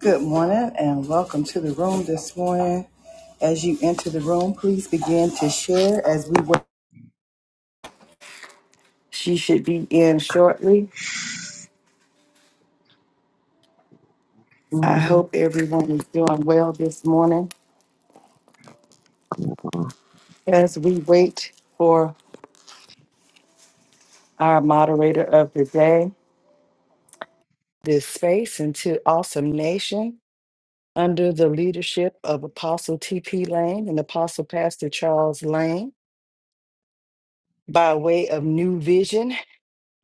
Good morning and welcome to the room this morning. As you enter the room, please begin to share as we wait. She should be in shortly. I hope everyone is doing well this morning Good as we wait for our moderator of the day, this space into Awesome Nation under the leadership of Apostle T.P. Lane and Apostle Pastor Charles Lane by way of New Vision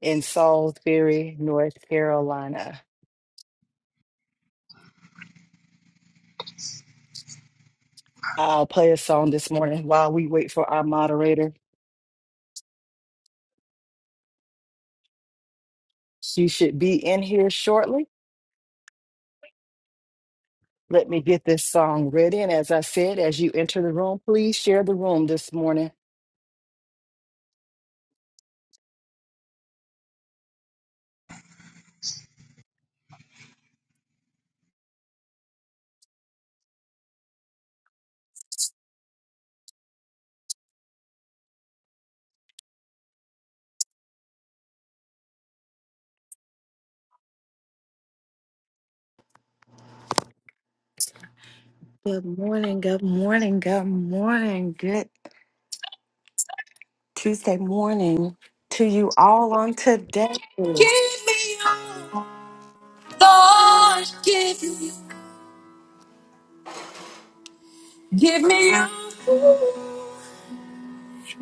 in Salisbury, North Carolina. I'll play a song this morning while we wait for our moderator. She should be in here shortly. Let me get this song ready. And as I said, as you enter the room, please share the room this morning. Good morning, good morning, good morning, good Tuesday morning to you all on today. Give me your Lord, give me, give me your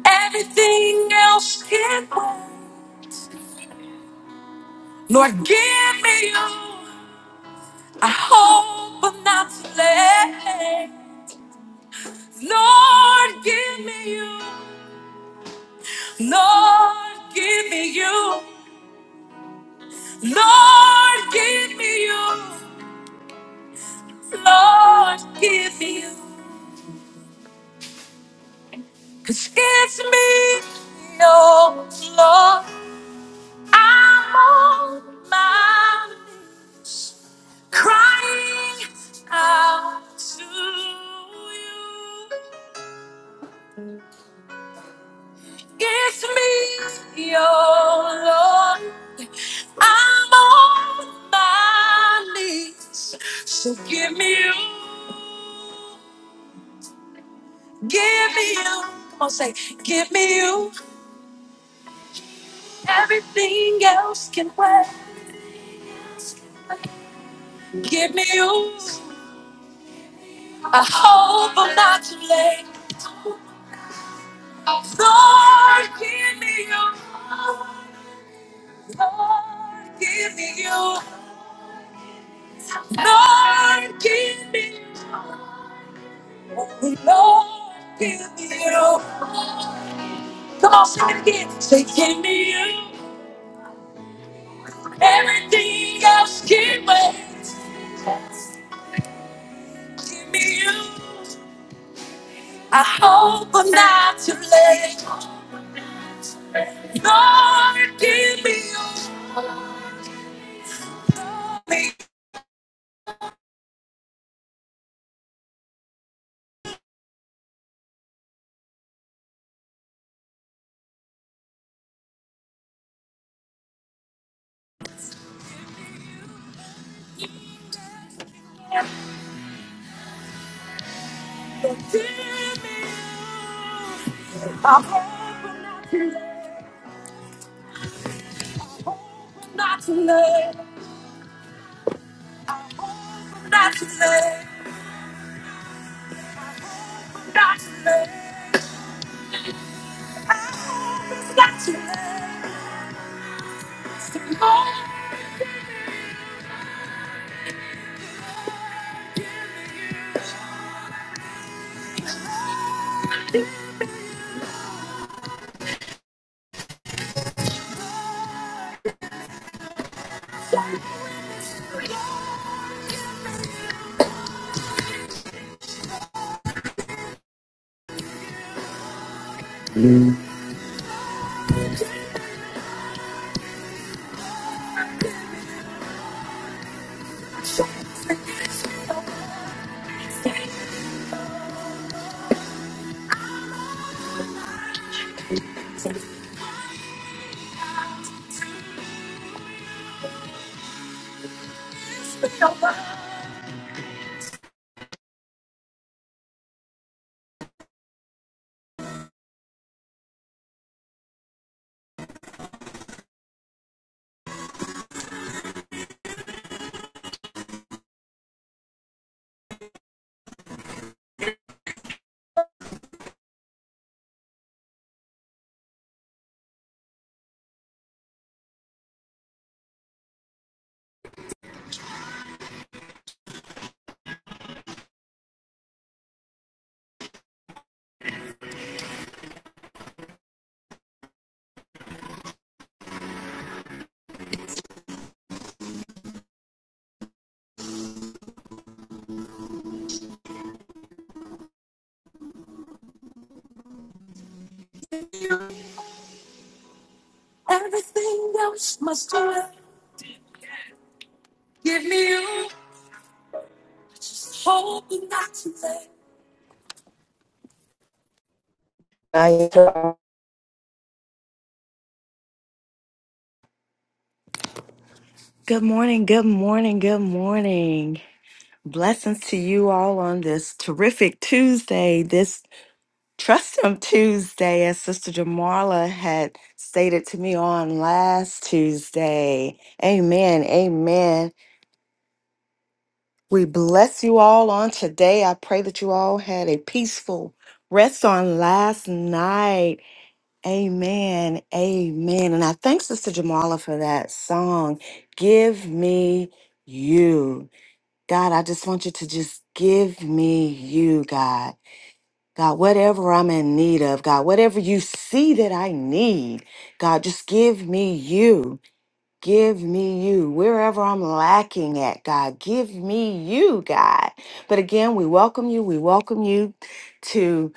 everything else can wait. Lord, give me your I hope I'm not too late. Lord, give me you. Lord, give me you. Lord, give me you. Lord, give me you. 'Cause it's me, oh Lord. I'm on my knees, crying out to you. It's me, your Lord. I'm on my knees. So give me you. Give me you. Come on, say, give me you. Everything else can wait. Give me you. I hope I'm not too late. Lord, give me you. Lord, give me you. Lord, give me, oh Lord, give me you. Come on, sing it again. Say, give me you. Everything else can wait. Give me you. I hope I'm not too late. Lord, give me you. Lord, give me you. I hope I'm not too late. I hope I'm not too late. I hope I'm not too late. I'm not too late. I hope it's not too late. Some more Everything else must do Give me you. Just hope it's not too late. Good morning, good morning, good morning. Blessings to you all on this terrific Tuesday, this Trust Him Tuesday, as Sister Jamarla had stated to me on last Tuesday. Amen, amen. We bless you all on today. I pray that you all had a peaceful rest on last night. Amen. Amen. And I thank Sister Jamala for that song. Give me you. God, I just want you to just give me you, God. God, whatever I'm in need of, God, whatever you see that I need, God, just give me you. Give me you. Wherever I'm lacking at, God, give me you, God. But again, we welcome you. We welcome you to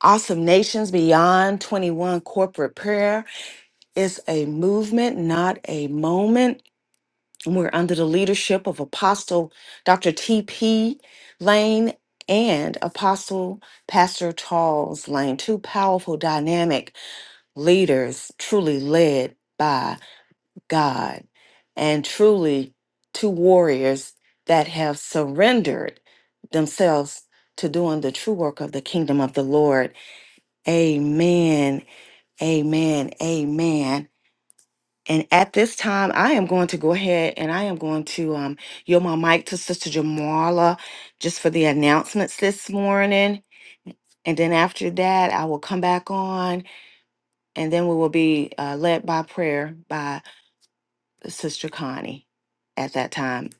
Awesome Nations Beyond 21 Corporate Prayer. It's a movement, not a moment. And We're under the leadership of Apostle Dr. T.P. Lane and Apostle Pastor Charles Lane, two powerful, dynamic leaders, truly led by God, and truly two warriors that have surrendered themselves to doing the true work of the kingdom of the Lord. Amen. Amen. Amen. And at this time, I am going to go ahead and I am going to um, yield my mic to Sister Jamala just for the announcements this morning. And then after that, I will come back on and then we will be uh, led by prayer by Sister Connie at that time.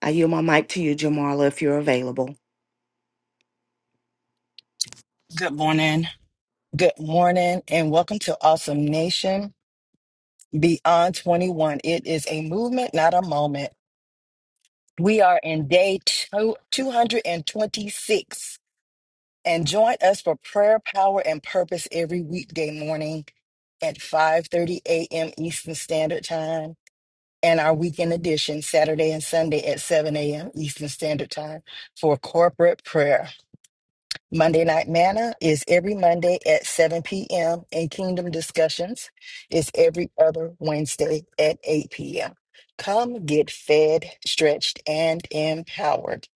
I yield my mic to you, Jamala, if you're available. Good morning. Good morning, and welcome to Awesome Nation Beyond 21. It is a movement, not a moment. We are in day two, 226, and join us for prayer, power, and purpose every weekday morning at 5:30 a.m. Eastern Standard Time, and our weekend edition Saturday and Sunday at 7 a.m. Eastern Standard Time for corporate prayer. Monday Night Manna is every Monday at 7 p.m. and Kingdom Discussions is every other Wednesday at 8 p.m. Come get fed, stretched, and empowered.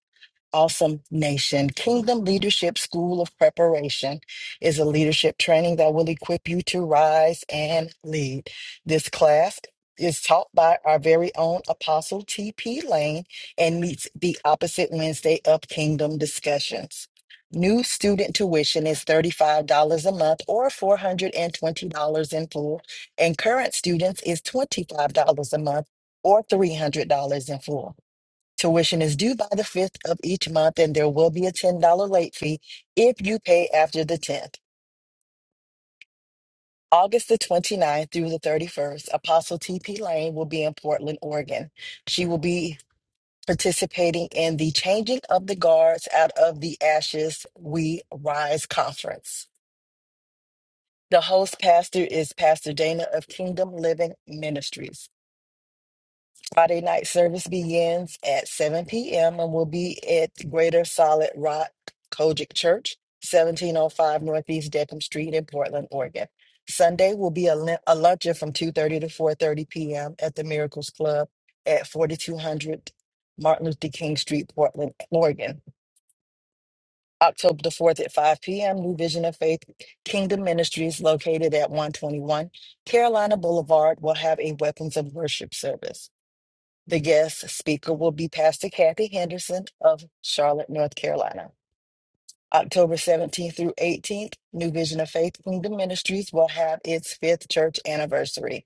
Awesome Nation Kingdom Leadership School of Preparation is a leadership training that will equip you to rise and lead. This class is taught by our very own Apostle T.P. Lane and meets the opposite Wednesday of Kingdom Discussions. New student tuition is $35 a month or $420 in full, and current students is $25 a month or $300 in full. Tuition is due by the 5th of each month, and there will be a $10 late fee if you pay after the 10th. August the 29th through the 31st, Apostle T.P. Lane will be in Portland, Oregon. She will be participating in the Changing of the Guards Out of the Ashes We Rise conference. The host pastor is Pastor Dana of Kingdom Living Ministries. Friday night service begins at 7 p.m. and will be at Greater Solid Rock Kojic Church, 1705 Northeast Deckham Street in Portland, Oregon. Sunday will be a, lin- a luncheon from 2.30 to 4.30 p.m. at the Miracles Club at 4200 Martin Luther King Street, Portland, Oregon. October the 4th at 5 p.m., New Vision of Faith Kingdom Ministries, located at 121 Carolina Boulevard, will have a Weapons of Worship service. The guest speaker will be Pastor Kathy Henderson of Charlotte, North Carolina. October 17th through 18th, New Vision of Faith Kingdom Ministries will have its fifth church anniversary.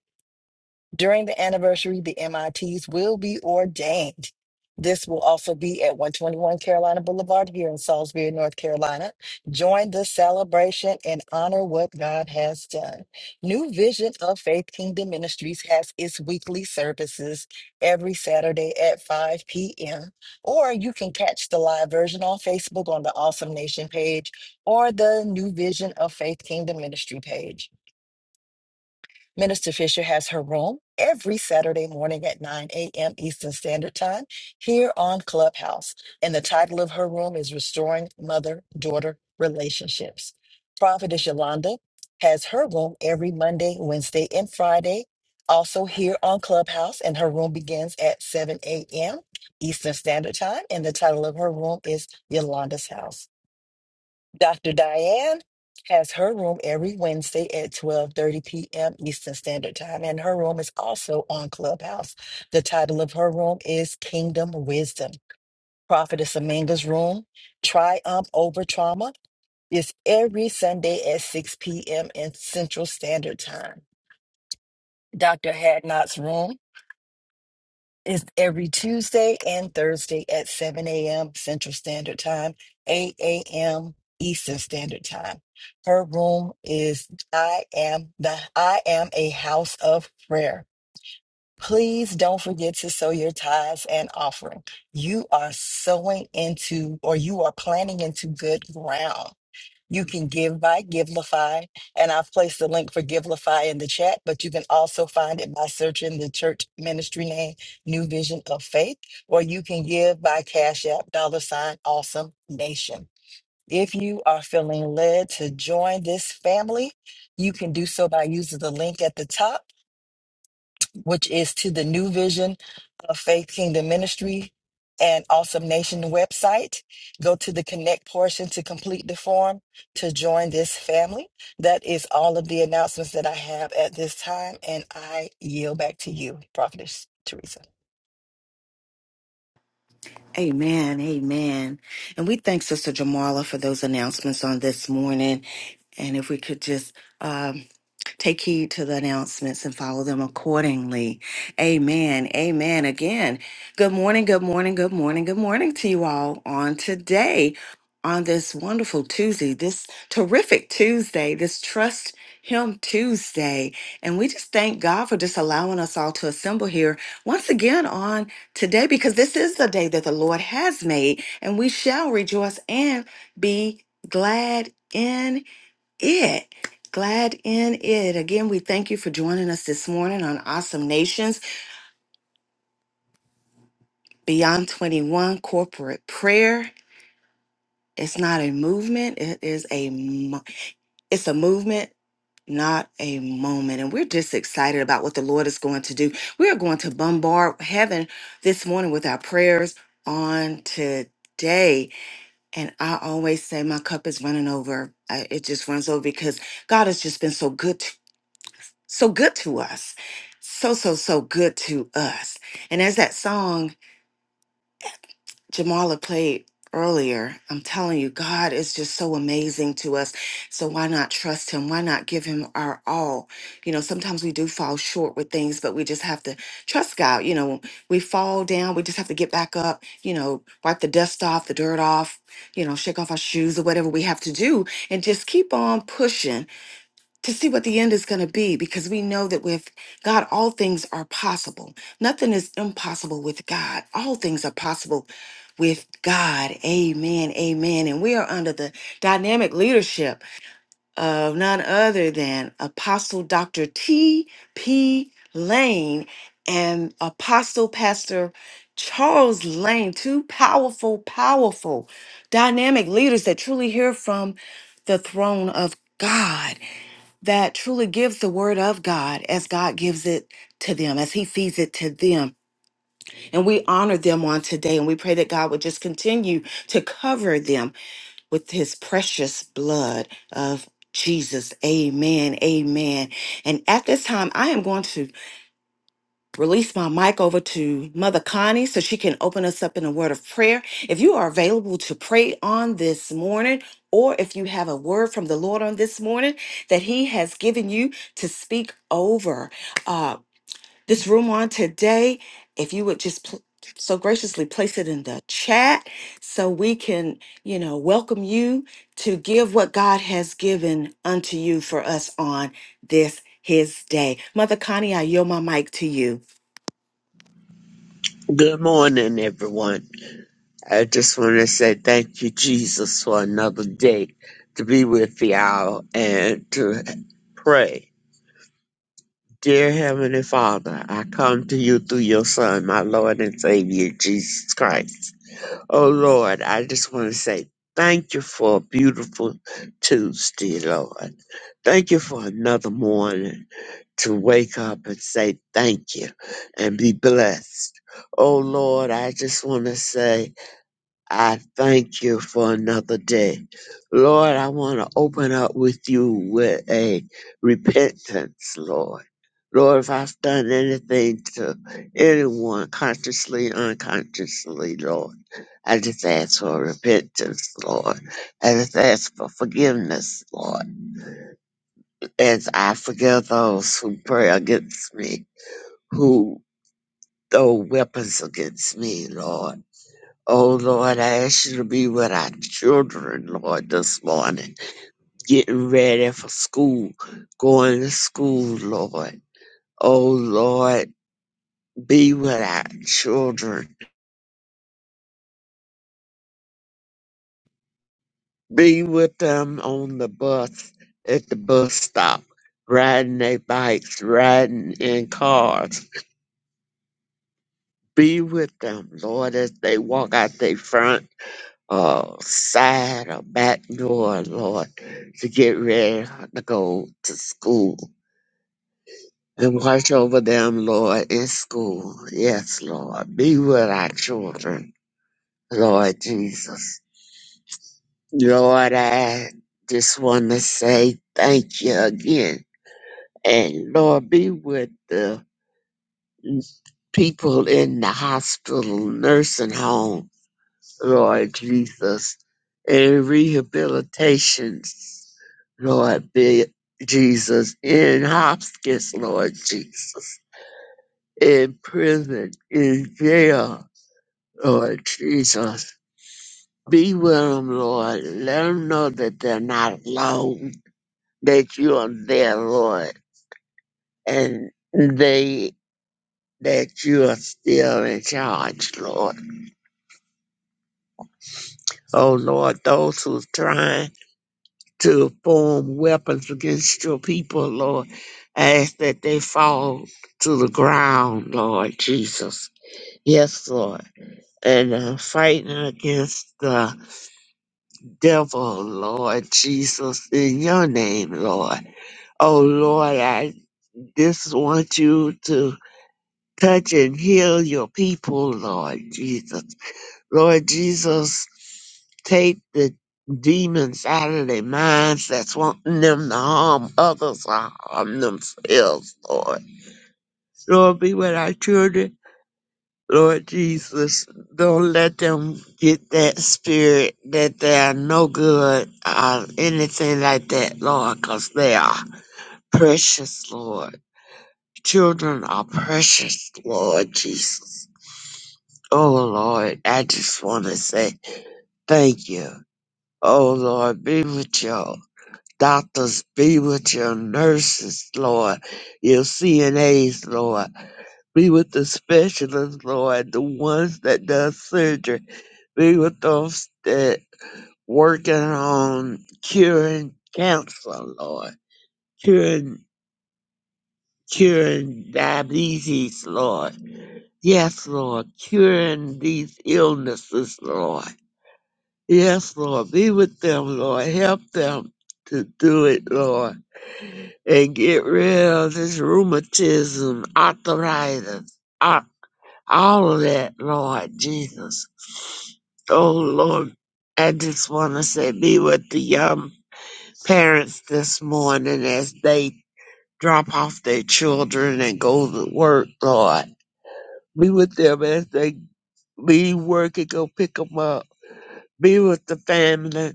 During the anniversary, the MITs will be ordained. This will also be at 121 Carolina Boulevard here in Salisbury, North Carolina. Join the celebration and honor what God has done. New Vision of Faith Kingdom Ministries has its weekly services every Saturday at 5 p.m. Or you can catch the live version on Facebook on the Awesome Nation page or the New Vision of Faith Kingdom Ministry page. Minister Fisher has her room every Saturday morning at 9 a.m. Eastern Standard Time here on Clubhouse. And the title of her room is Restoring Mother Daughter Relationships. Prophetess Yolanda has her room every Monday, Wednesday, and Friday, also here on Clubhouse. And her room begins at 7 a.m. Eastern Standard Time. And the title of her room is Yolanda's House. Dr. Diane has her room every Wednesday at 12:30 p.m. Eastern Standard Time and her room is also on Clubhouse. The title of her room is Kingdom Wisdom. Prophetess Aminga's room, Triumph Over Trauma, is every Sunday at 6 p.m. in Central Standard Time. Dr. Hadnot's room it's every Tuesday and Thursday at 7 a.m. Central Standard Time, 8 a.m. Eastern Standard Time. Her room is I am the I am a house of prayer. Please don't forget to sow your tithes and offering. You are sowing into or you are planting into good ground. You can give by Givelify, and I've placed the link for Givelify in the chat, but you can also find it by searching the church ministry name, New Vision of Faith, or you can give by Cash App, dollar sign, awesome nation. If you are feeling led to join this family, you can do so by using the link at the top which is to the new vision of Faith Kingdom Ministry and Awesome Nation website. Go to the connect portion to complete the form to join this family. That is all of the announcements that I have at this time, and I yield back to you, Prophetess Teresa. Amen. Amen. And we thank Sister Jamala for those announcements on this morning. And if we could just um, take heed to the announcements and follow them accordingly. Amen. Amen. Again, good morning, good morning, good morning, good morning to you all on today, on this wonderful Tuesday, this terrific Tuesday, this Trust Him Tuesday. And we just thank God for just allowing us all to assemble here once again on today because this is the day that the Lord has made, and we shall rejoice and be glad in it. Glad in it. Again, we thank you for joining us this morning on Awesome Nations Beyond 21 Corporate Prayer. It's not a movement, it is a mo- it's a movement, not a moment. And we're just excited about what the Lord is going to do. We are going to bombard heaven this morning with our prayers on today. And I always say my cup is running over. I, it just runs over because God has just been so good, to, so good to us. So, so, so good to us. And as that song Jamala played earlier, I'm telling you, God is just so amazing to us. So why not trust Him? Why not give Him our all? You know, sometimes we do fall short with things, but we just have to trust God. You know, we fall down, we just have to get back up, you know, wipe the dust off, the dirt off, you know, shake off our shoes or whatever we have to do, and just keep on pushing to see what the end is going to be because we know that with God, all things are possible. Nothing is impossible with God. All things are possible with God. Amen. Amen. And we are under the dynamic leadership of none other than Apostle Dr. T.P. Lane and Apostle Pastor Charles Lane, two powerful, powerful, dynamic leaders that truly hear from the throne of God that truly gives the word of God as God gives it to them, as He feeds it to them. And we honor them on today. And we pray that God would just continue to cover them with His precious blood of Jesus. Amen. Amen. And at this time, I am going to release my mic over to Mother Connie so she can open us up in a word of prayer. If you are available to pray on this morning, or if you have a word from the Lord on this morning that He has given you to speak over uh, this room on today, if you would just pl- so graciously place it in the chat so we can, you know, welcome you to give what God has given unto you for us on this His day. Mother Connie, I yield my mic to you. morning, everyone. I just want to say thank you, Jesus, for another day to be with y'all and to pray. Dear Heavenly Father, I come to you through your Son, my Lord and Savior, Jesus Christ. Oh Lord, I just want to say thank you for a beautiful Tuesday, Lord. Thank you for another morning. to wake up and say thank you and be blessed. Oh Lord, I just want to say I thank you for another day. Lord, I want to open up with you with a repentance, Lord. Lord, if I've done anything to anyone consciously, unconsciously, Lord, I just ask for repentance, Lord. I just ask for forgiveness, Lord, as I forgive those who pray against me who throw weapons against me, Lord. Oh, Lord, I ask you to be with our children, Lord, this morning, getting ready for school, going to school, Lord. Oh, Lord, be with our children. Be with them on the bus, at the bus stop, riding their bikes, riding in cars. Be with them, Lord, as they walk out their front uh, side or back door, Lord, to get ready to go to school. And watch over them, Lord, in school. Yes, Lord. Be with our children, Lord Jesus. Lord, I just want to say thank you again. And Lord, be with the people in the hospital, nursing home, Lord Jesus, and rehabilitations, Lord be- Jesus, in hospice, Lord Jesus, in prison, in jail, Lord Jesus. Be with them, Lord. Let them know that they're not alone, that you are there, Lord, and they that you are still in charge, Lord. Oh, Lord, those who's trying. to form weapons against your people, Lord. I ask that they fall to the ground, Lord Jesus. Yes, Lord. And uh, fighting against the devil, Lord Jesus, in your name, Lord. Oh, Lord, I just want you to touch and heal your people, Lord Jesus. Lord Jesus, Take the demons out of their minds that's wanting them to harm others or harm themselves, Lord. Lord, be with our children. Lord Jesus, don't let them get that spirit that they are no good or anything like that, Lord, because they are precious, Lord. Children are precious, Lord Jesus. Oh, Lord, I just want to say thank you. Oh, Lord, be with you. doctors, be with your nurses, Lord, your CNAs, Lord, be with the specialists, Lord, the ones that does surgery, be with those that working on curing cancer, Lord, curing curing diabetes, Lord. Yes, Lord, curing these illnesses, Lord. Yes, Lord, be with them, Lord. Help them to do it, Lord and get rid of this rheumatism, arthritis, ar- all of that, Lord Jesus. Oh, Lord, I just want to say, be with the young parents this morning as they drop off their children and go to work, Lord. Be with them as they leave work and go pick them up. Be with the family,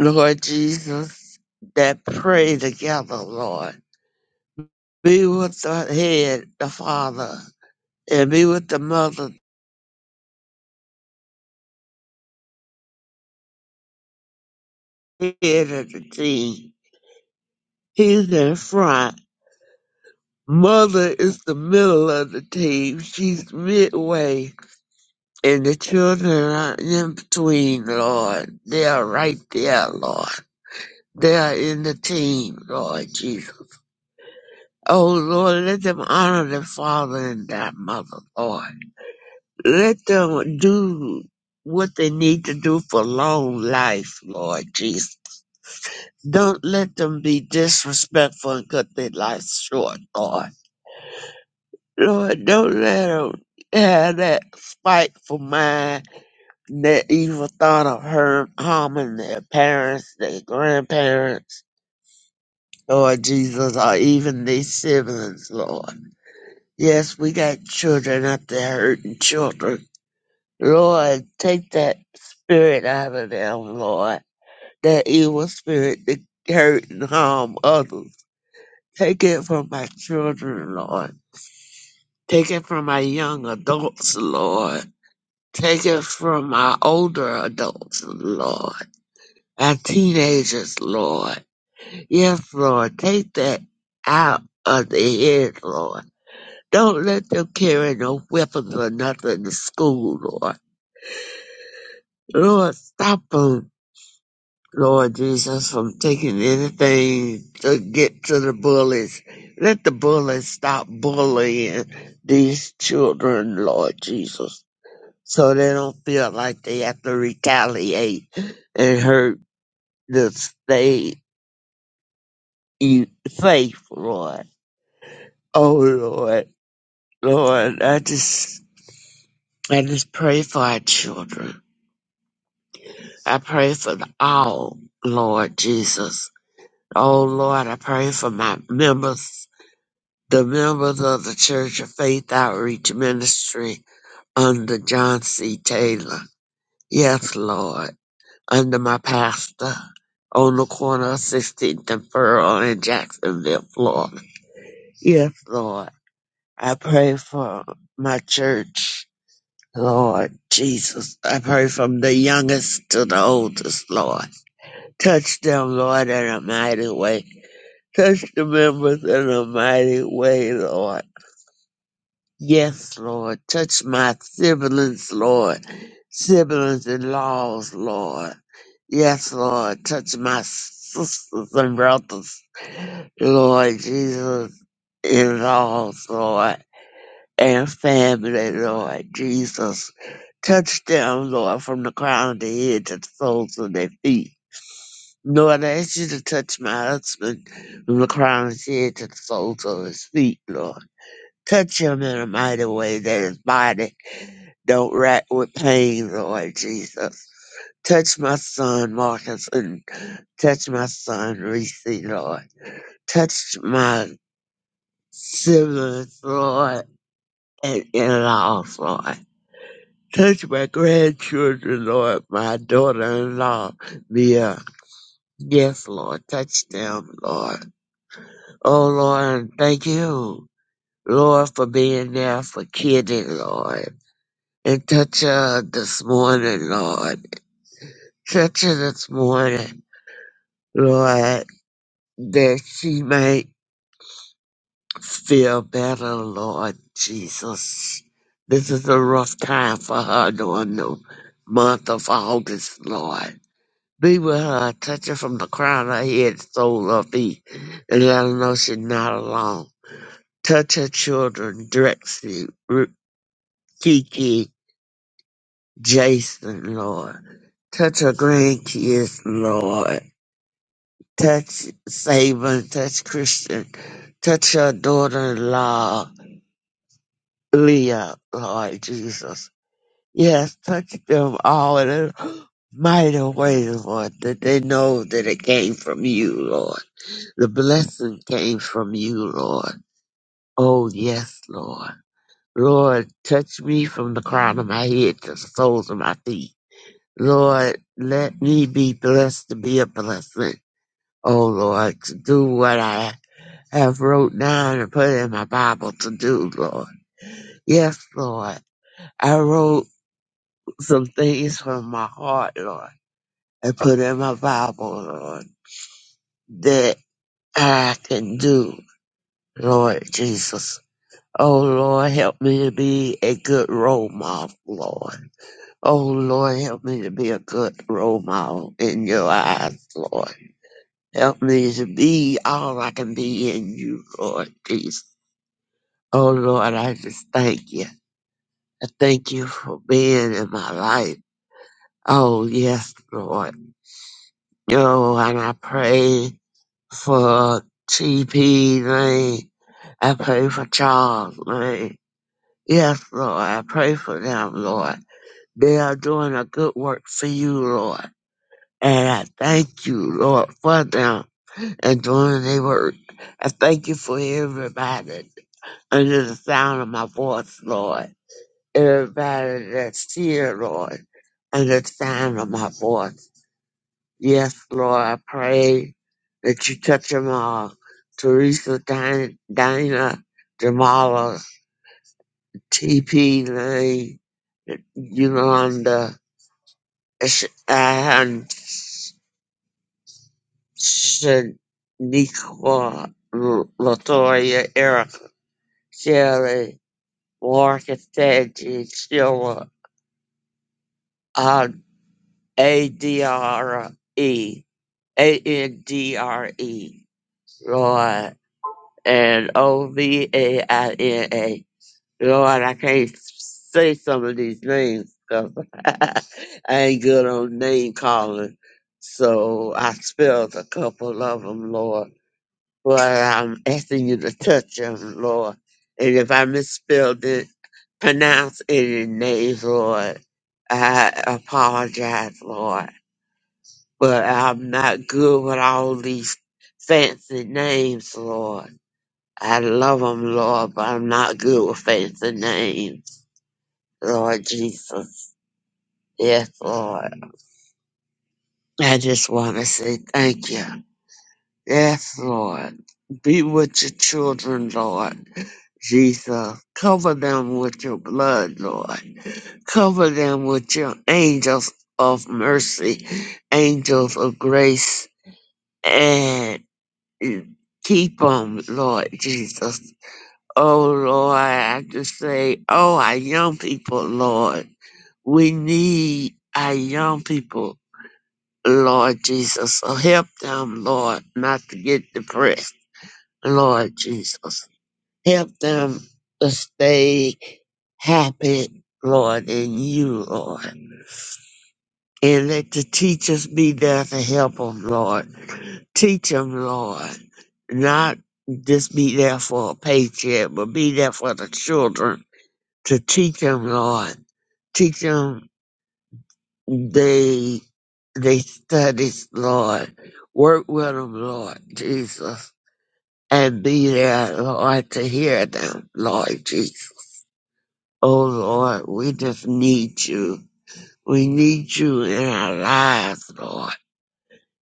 Lord Jesus, that pray together, Lord. Be with the head, the father, and be with the mother, the head of the team. He's in front. Mother is the middle of the team. She's midway. And the children are in between, Lord. They are right there, Lord. They are in the team, Lord Jesus. Oh, Lord, let them honor their father and their mother, Lord. Let them do what they need to do for long life, Lord Jesus Don't let them be disrespectful and cut their life short, Lord. Lord, don't let them have that spiteful mind, that evil thought of harm, harming their parents, their grandparents, Lord Jesus, or even their siblings, Lord. Yes, we got children out there hurting children. Lord, take that spirit out of them, Lord. That evil spirit that hurt and harm others. Take it from my children, Lord. Take it from my young adults, Lord. Take it from my older adults, Lord. My teenagers, Lord. Yes, Lord. Take that out of the head, Lord. Don't let them carry no weapons or nothing to school, Lord. Lord, stop 'em. Lord Jesus, from taking anything to get to the bullies. Let the bullies stop bullying these children, Lord Jesus, so they don't feel like they have to retaliate and hurt the stay e- safe, Lord. Oh, Lord, Lord, I just, I just pray for our children. I pray for the all, Lord Jesus. Oh, Lord, I pray for my members the members of the Church of Faith Outreach Ministry under John C. Taylor. Yes, Lord. Under my pastor on the corner of 16th and Pearl in Jacksonville, Florida. Yes, Lord. I pray for my church, Lord Jesus. I pray from the youngest to the oldest, Lord. Touch them, Lord, in a mighty way. Touch the members in a mighty way, Lord Yes, Lord. Touch my siblings, Lord. Siblings in laws, Lord. Yes, Lord. Touch my sisters and brothers, Lord Jesus, in laws, Lord, and family, Lord Jesus. Touch them, Lord, from the crown of their head to the soles of their feet. Lord, I ask you to touch my husband from the crown of his head to the soles of his feet, Lord. Touch him in a mighty way that his body don't rack with pain, Lord Jesus. Touch my son, Marcus, and touch my son, Reese, Lord. Touch my siblings, Lord, and in-laws, Lord. Touch my grandchildren, Lord, my daughter-in-law, Mia. Yes, Lord, touch them, Lord. Oh, Lord, thank you, Lord, for being there for Kitty, Lord. And touch her this morning, Lord. Touch her this morning. Lord, that she may feel better, Lord Jesus. This is a rough time for her during the month of August, Lord. Be with her, touch her from the crown of her head, to the sole of her feet, and let her know she's not alone. Touch her children, Drexy, Ru- Kiki, Jason, Lord. Touch her grandkids, Lord touch Saban, touch Christian, touch her daughter-in-law, Leah, Lord Jesus. Yes, touch them all in a mighty way, Lord, that they know that it came from you, Lord. The blessing came from you, Lord. Oh, yes, Lord. Lord, touch me from the crown of my head to the soles of my feet. Lord, let me be blessed to be a blessing. Oh, Lord, to do what I have wrote down and put in my Bible to do, Lord. Yes, Lord. I wrote some things from my heart, Lord, and put in my Bible, Lord, that I can do, Lord Jesus. Oh, Lord, help me to be a good role model, Lord. Oh, Lord, help me to be a good role model in your eyes, Lord. Help me to be all I can be in you, Lord Jesus. Oh, Lord, I just thank you. I thank you for being in my life. Oh, yes, Lord. Yo, and I pray for TP Lane. I pray for Charles Lane. Yes, Lord. I pray for them, Lord. They are doing a good work for you, Lord. And I thank you, Lord, for them and doing their work. I thank you for everybody under the sound of my voice, Lord. everybody that's here, Lord, and the sound of my voice. Yes, Lord, I pray that you touch them all. Teresa, Din- Dina, Jamala, TP Lane, Yolanda, Sh- and Shaniqua, L- Latoya, Erica, Shelley, Marcus, Teddy, Sheila, uh, ADRE. A N D R E, Lord, and O V A I N A. Lord, I can't s- say some of these names cause I ain't good on name calling. So I spelled a couple of them, Lord. But I'm asking you to touch them, Lord. And if I misspelled it, pronounce any names, Lord. I apologize, Lord but I'm not good with all these fancy names, Lord. I love 'em, Lord, but I'm not good with fancy names, Lord Jesus. Yes, Lord. I just want to say thank you. Yes, Lord. Be with your children, Lord. Jesus, cover them with your blood, Lord. Cover them with your angels of mercy, angels of grace, and and keep them, Lord Jesus. Oh, Lord, I just say, oh, our young people, Lord, we need our young people, Lord Jesus. So help them, Lord, not to get depressed, Lord Jesus. Help them to stay happy, Lord, in you, Lord. And let the teachers be there to help them, Lord. Teach them, Lord. Not just be there for a paycheck, but be there for the children to teach them, Lord. Teach them they, they studies, Lord. Work with them, Lord Jesus. And be there, Lord, to hear them, Lord Jesus. Oh, Lord, we just need you. We need you in our lives, Lord.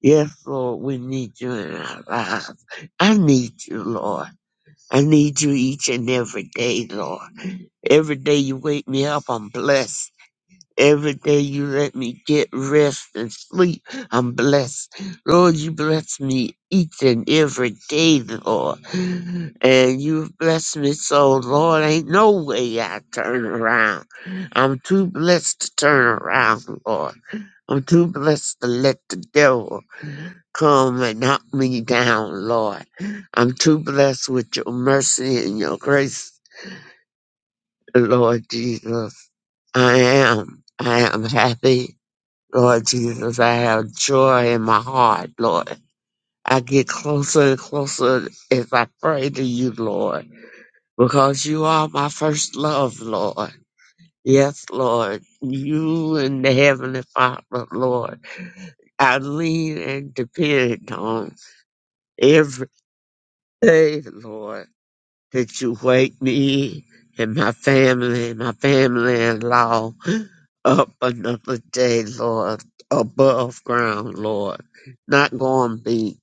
Yes, Lord, we need you in our lives. I need you, Lord. I need you each and every day, Lord. Every day you wake me up, I'm blessed. Every day you let me get rest and sleep, I'm blessed. Lord, you bless me each and every day, Lord. And you've blessed me so, Lord, ain't no way I turn around. I'm too blessed to turn around, Lord. I'm too blessed to let the devil Come and knock me down, Lord. I'm too blessed with your mercy and your grace, Lord Jesus. I am. I am happy, Lord Jesus. I have joy in my heart, Lord. I get closer and closer as I pray to you, Lord, because you are my first love, Lord. Yes, Lord. You and the Heavenly Father, Lord. I lean and depend on every day, Lord. that you wake me and my family, my family in law up another day, Lord, above ground, Lord. Not going be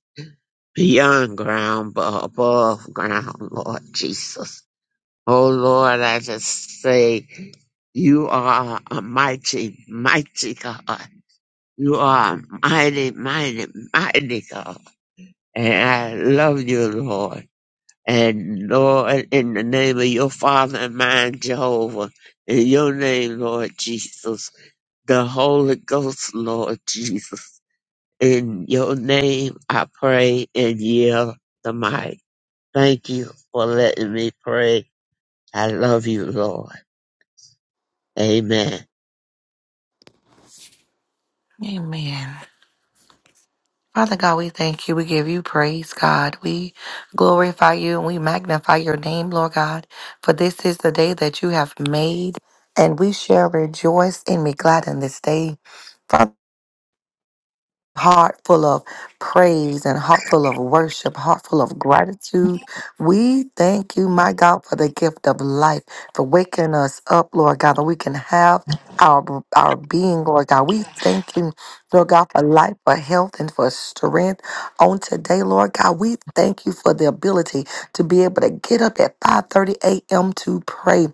beyond ground, but above ground, Lord Jesus. Oh Lord, I just say you are a mighty, mighty God. You are a mighty, mighty, mighty God. And I love you, Lord. And Lord, in the name of your Father and mine, Jehovah, in your name, Lord Jesus, the Holy Ghost, Lord Jesus, in your name I pray and yield the mic. Thank you for letting me pray. I love you, Lord. Amen. Amen. Father God, we thank you. We give you praise, God. We glorify you and we magnify your name, Lord God, for this is the day that you have made, and we shall rejoice and be glad in this day. Father heart full of praise and heart full of worship, heart full of gratitude. We thank you, my God, for the gift of life, for waking us up, Lord God, that we can have our our being, Lord God. We thank you, Lord God, for life, for health, and for strength on today, Lord God. We thank you for the ability to be able to get up at 5:30 a.m. to pray.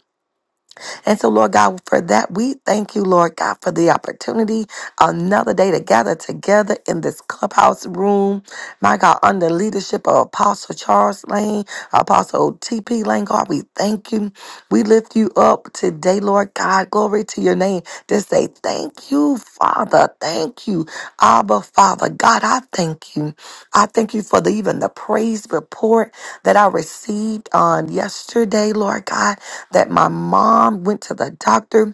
And so, Lord God, for that, we thank you, Lord God, for the opportunity another day to gather together in this clubhouse room. My God, under leadership of Apostle Charles Lane, Apostle TP Lane, God, we thank you. We lift you up today, Lord God. Glory to your name. Just say thank you, Father. Thank you, Abba, Father. God, I thank you. I thank you for the, even the praise report that I received on yesterday, Lord God that my mom went to the doctor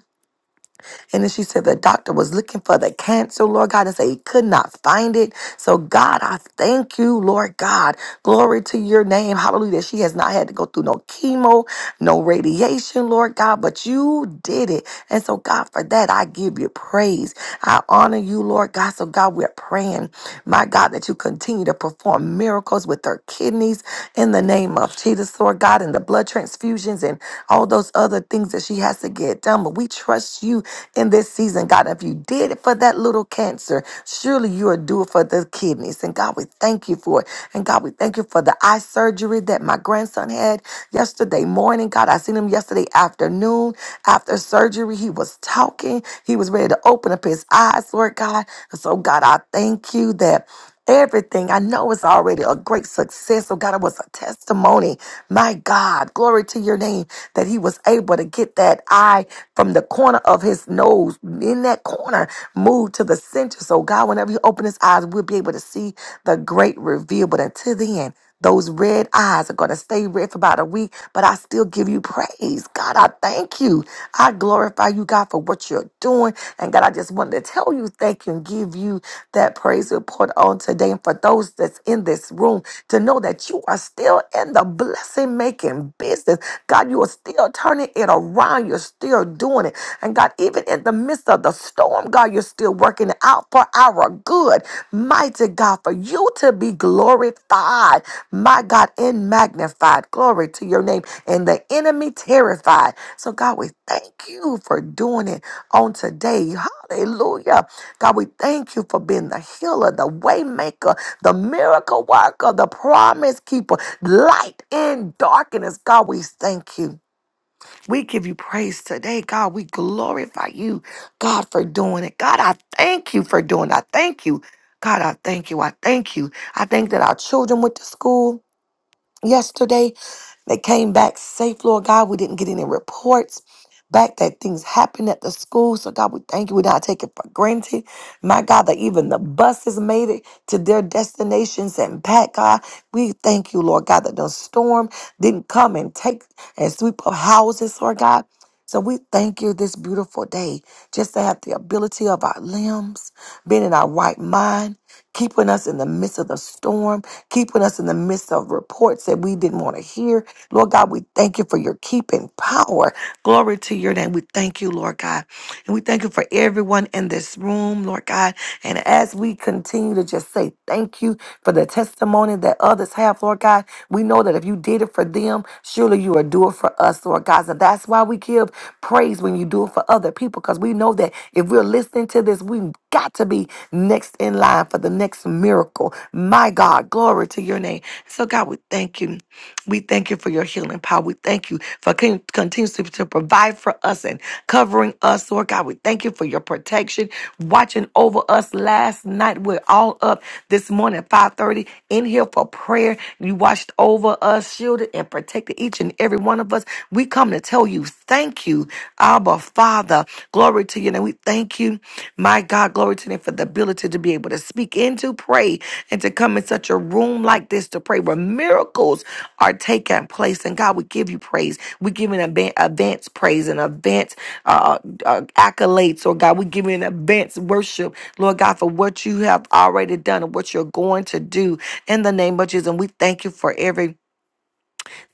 and then she said the doctor was looking for the cancer, Lord God, and said he could not find it. So, God, I thank you, Lord God. Glory to your name. Hallelujah. That She has not had to go through no chemo, no radiation, Lord God, but you did it. And so, God, for that, I give you praise. I honor you, Lord God. So, God, we're praying, my God, that you continue to perform miracles with her kidneys in the name of Jesus, Lord God, and the blood transfusions and all those other things that she has to get done. But we trust you do in this season, God. If you did it for that little cancer, surely you are due for the kidneys. And God, we thank you for it. And God, we thank you for the eye surgery that my grandson had yesterday morning. God, I seen him yesterday afternoon after surgery. He was talking, he was ready to open up his eyes, Lord God. And so, God, I thank you that. Everything I know is already a great success. Oh God, it was a testimony. My God, glory to your name that he was able to get that eye from the corner of his nose in that corner, moved to the center. So God, whenever you open his eyes, we'll be able to see the great reveal. But until then, those red eyes are going to stay red for about a week, but I still give you praise. God, I thank you. I glorify you, God, for what you're doing. And God, I just wanted to tell you thank you and give you that praise report on today. And for those that's in this room, to know that you are still in the blessing making business. God, you are still turning it around. You're still doing it. And God, even in the midst of the storm, God, you're still working it out for our good. Mighty God, for you to be glorified my God, and magnified. Glory to your name. And the enemy terrified. So, God, we thank you for doing it on today. Hallelujah. God, we thank you for being the healer, the way maker, the miracle worker, the promise keeper, light in darkness. God, we thank you. We give you praise today, God. We glorify you, God, for doing it. God, I thank you for doing it. I thank you. God, I thank you. I thank you. I thank that our children went to school yesterday. They came back safe, Lord God. We didn't get any reports back that things happened at the school. So, God, we thank you. We not take it for granted. My God, that even the buses made it to their destinations and back, God. We thank you, Lord God, that the storm didn't come and take and sweep up houses, Lord God. So we thank you this beautiful day just to have the ability of our limbs, being in our right mind, keeping us in the midst of the storm keeping us in the midst of reports that we didn't want to hear. Lord God, we thank you for your keeping power. Glory to your name. We thank you, Lord God. And we thank you for everyone in this room, Lord God. And as we continue to just say thank you, for the testimony that others have, Lord God. We know that if you did it for them, surely you are doing for us, Lord God. So that's why we give praise when you do it for other people, because we know that if we're listening to this, we've got to be next in line for the next miracle. My God, glory to your name. So, God, we thank you. We thank you for your healing power. We thank you for continues to, to provide for us and covering us. Lord God, we thank you for your protection, watching over us last night. We're all up this morning at 5.30 in here for prayer. You watched over us, shielded and protected each and every one of us. We come to tell you thank you, Abba Father. Glory to you. And we thank you, my God. Glory to you today for the ability to be able to speak and to pray and to come in such a room like this to pray where miracles are taking place. And God, we give you praise. We give you an advan- advance praise and advance uh, uh, uh, accolades, or God, we give you an advance worship, Lord God, for what you have already done and what you're going to do in the name of Jesus. And we thank you for every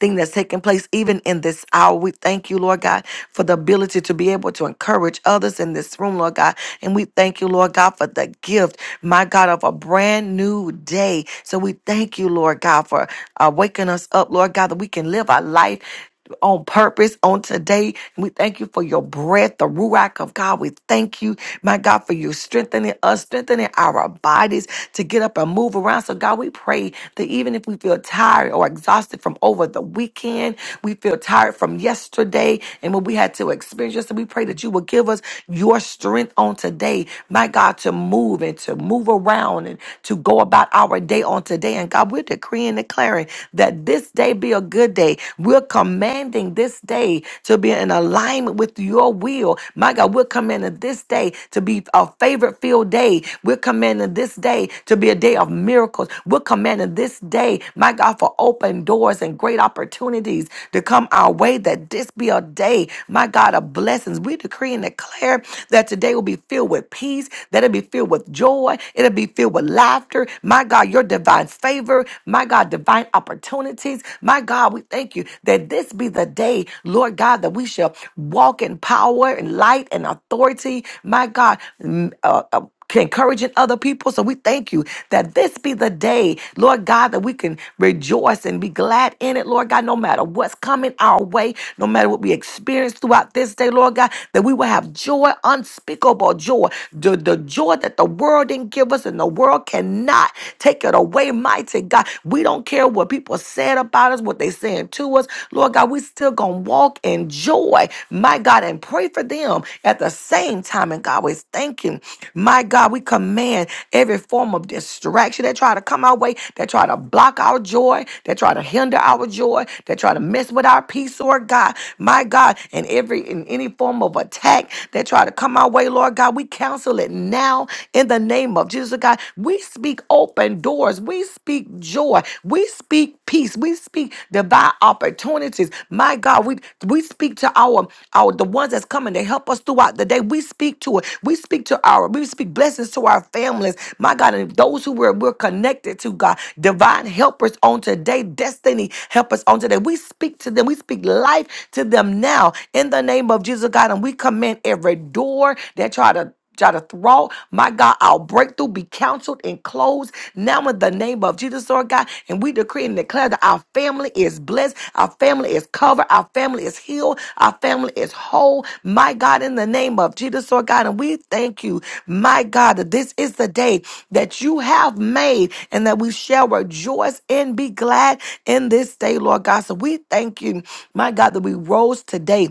thing that's taking place even in this hour. We thank you, Lord God, for the ability to be able to encourage others in this room, Lord God. And we thank you, Lord God, for the gift, my God, of a brand new day. So we thank you, Lord God, for uh, waking us up, Lord God, that we can live our life on purpose on today. We thank you for your breath, the ruach of God. We thank you, my God, for you strengthening us, strengthening our bodies to get up and move around. So, God, we pray that even if we feel tired or exhausted from over the weekend, we feel tired from yesterday and what we had to experience yesterday, we pray that you will give us your strength on today, my God, to move and to move around and to go about our day on today. And God, we're decreeing and declaring that this this day be a good day. We're commanding this day to be in alignment with your will. My God, we're commanding this day to be a favorite filled day. We're commanding this day to be a day of miracles. We're commanding this day, my God, for open doors and great opportunities to come our way. That this be a day, my God, of blessings. We decree and declare that today will be filled with peace, that it'll be filled with joy, it'll be filled with laughter. My God, your divine favor favor, my God, divine opportunities. My God, we thank you that this be the day, Lord God, that we shall walk in power and light and authority. My God, mm, uh, uh, encouraging other people. So we thank you that this be the day, Lord God, that we can rejoice and be glad in it, Lord God, no matter what's coming our way, no matter what we experience throughout this day, Lord God, that we will have joy, unspeakable joy, the, the joy that the world didn't give us and the world cannot take it away, mighty God. We don't care what people said about us, what they saying to us. Lord God, we still gonna walk in joy, my God, and pray for them at the same time. And God, we thank you. My God, we command every form of distraction that try to come our way, that try to block our joy, that try to hinder our joy, that try to mess with our peace, Lord God. My God, and every in any form of attack that try to come our way, Lord God, we counsel it it now in the name of Jesus oh God. We speak open doors. We speak joy. We speak peace. We speak divine opportunities. My God, we we speak to our our the ones that's coming to help us throughout the day. We speak to it. We speak to our we speak blessings to our families. My God, and those who we're, we're connected to God, divine helpers on today, destiny helpers on today. We speak to them. We speak life to them now in the name of Jesus oh God, and we command every door that try to try to throw. My God, our breakthrough be counseled and closed now in the name of Jesus, Lord God. And we decree and declare that our family is blessed, our family is covered, our family is healed, our family is whole. My God, in the name of Jesus, Lord God. And we thank you, my God, that this is the day that you have made and that we shall rejoice and be glad in this day, Lord God. So we thank you, my God, that we rose today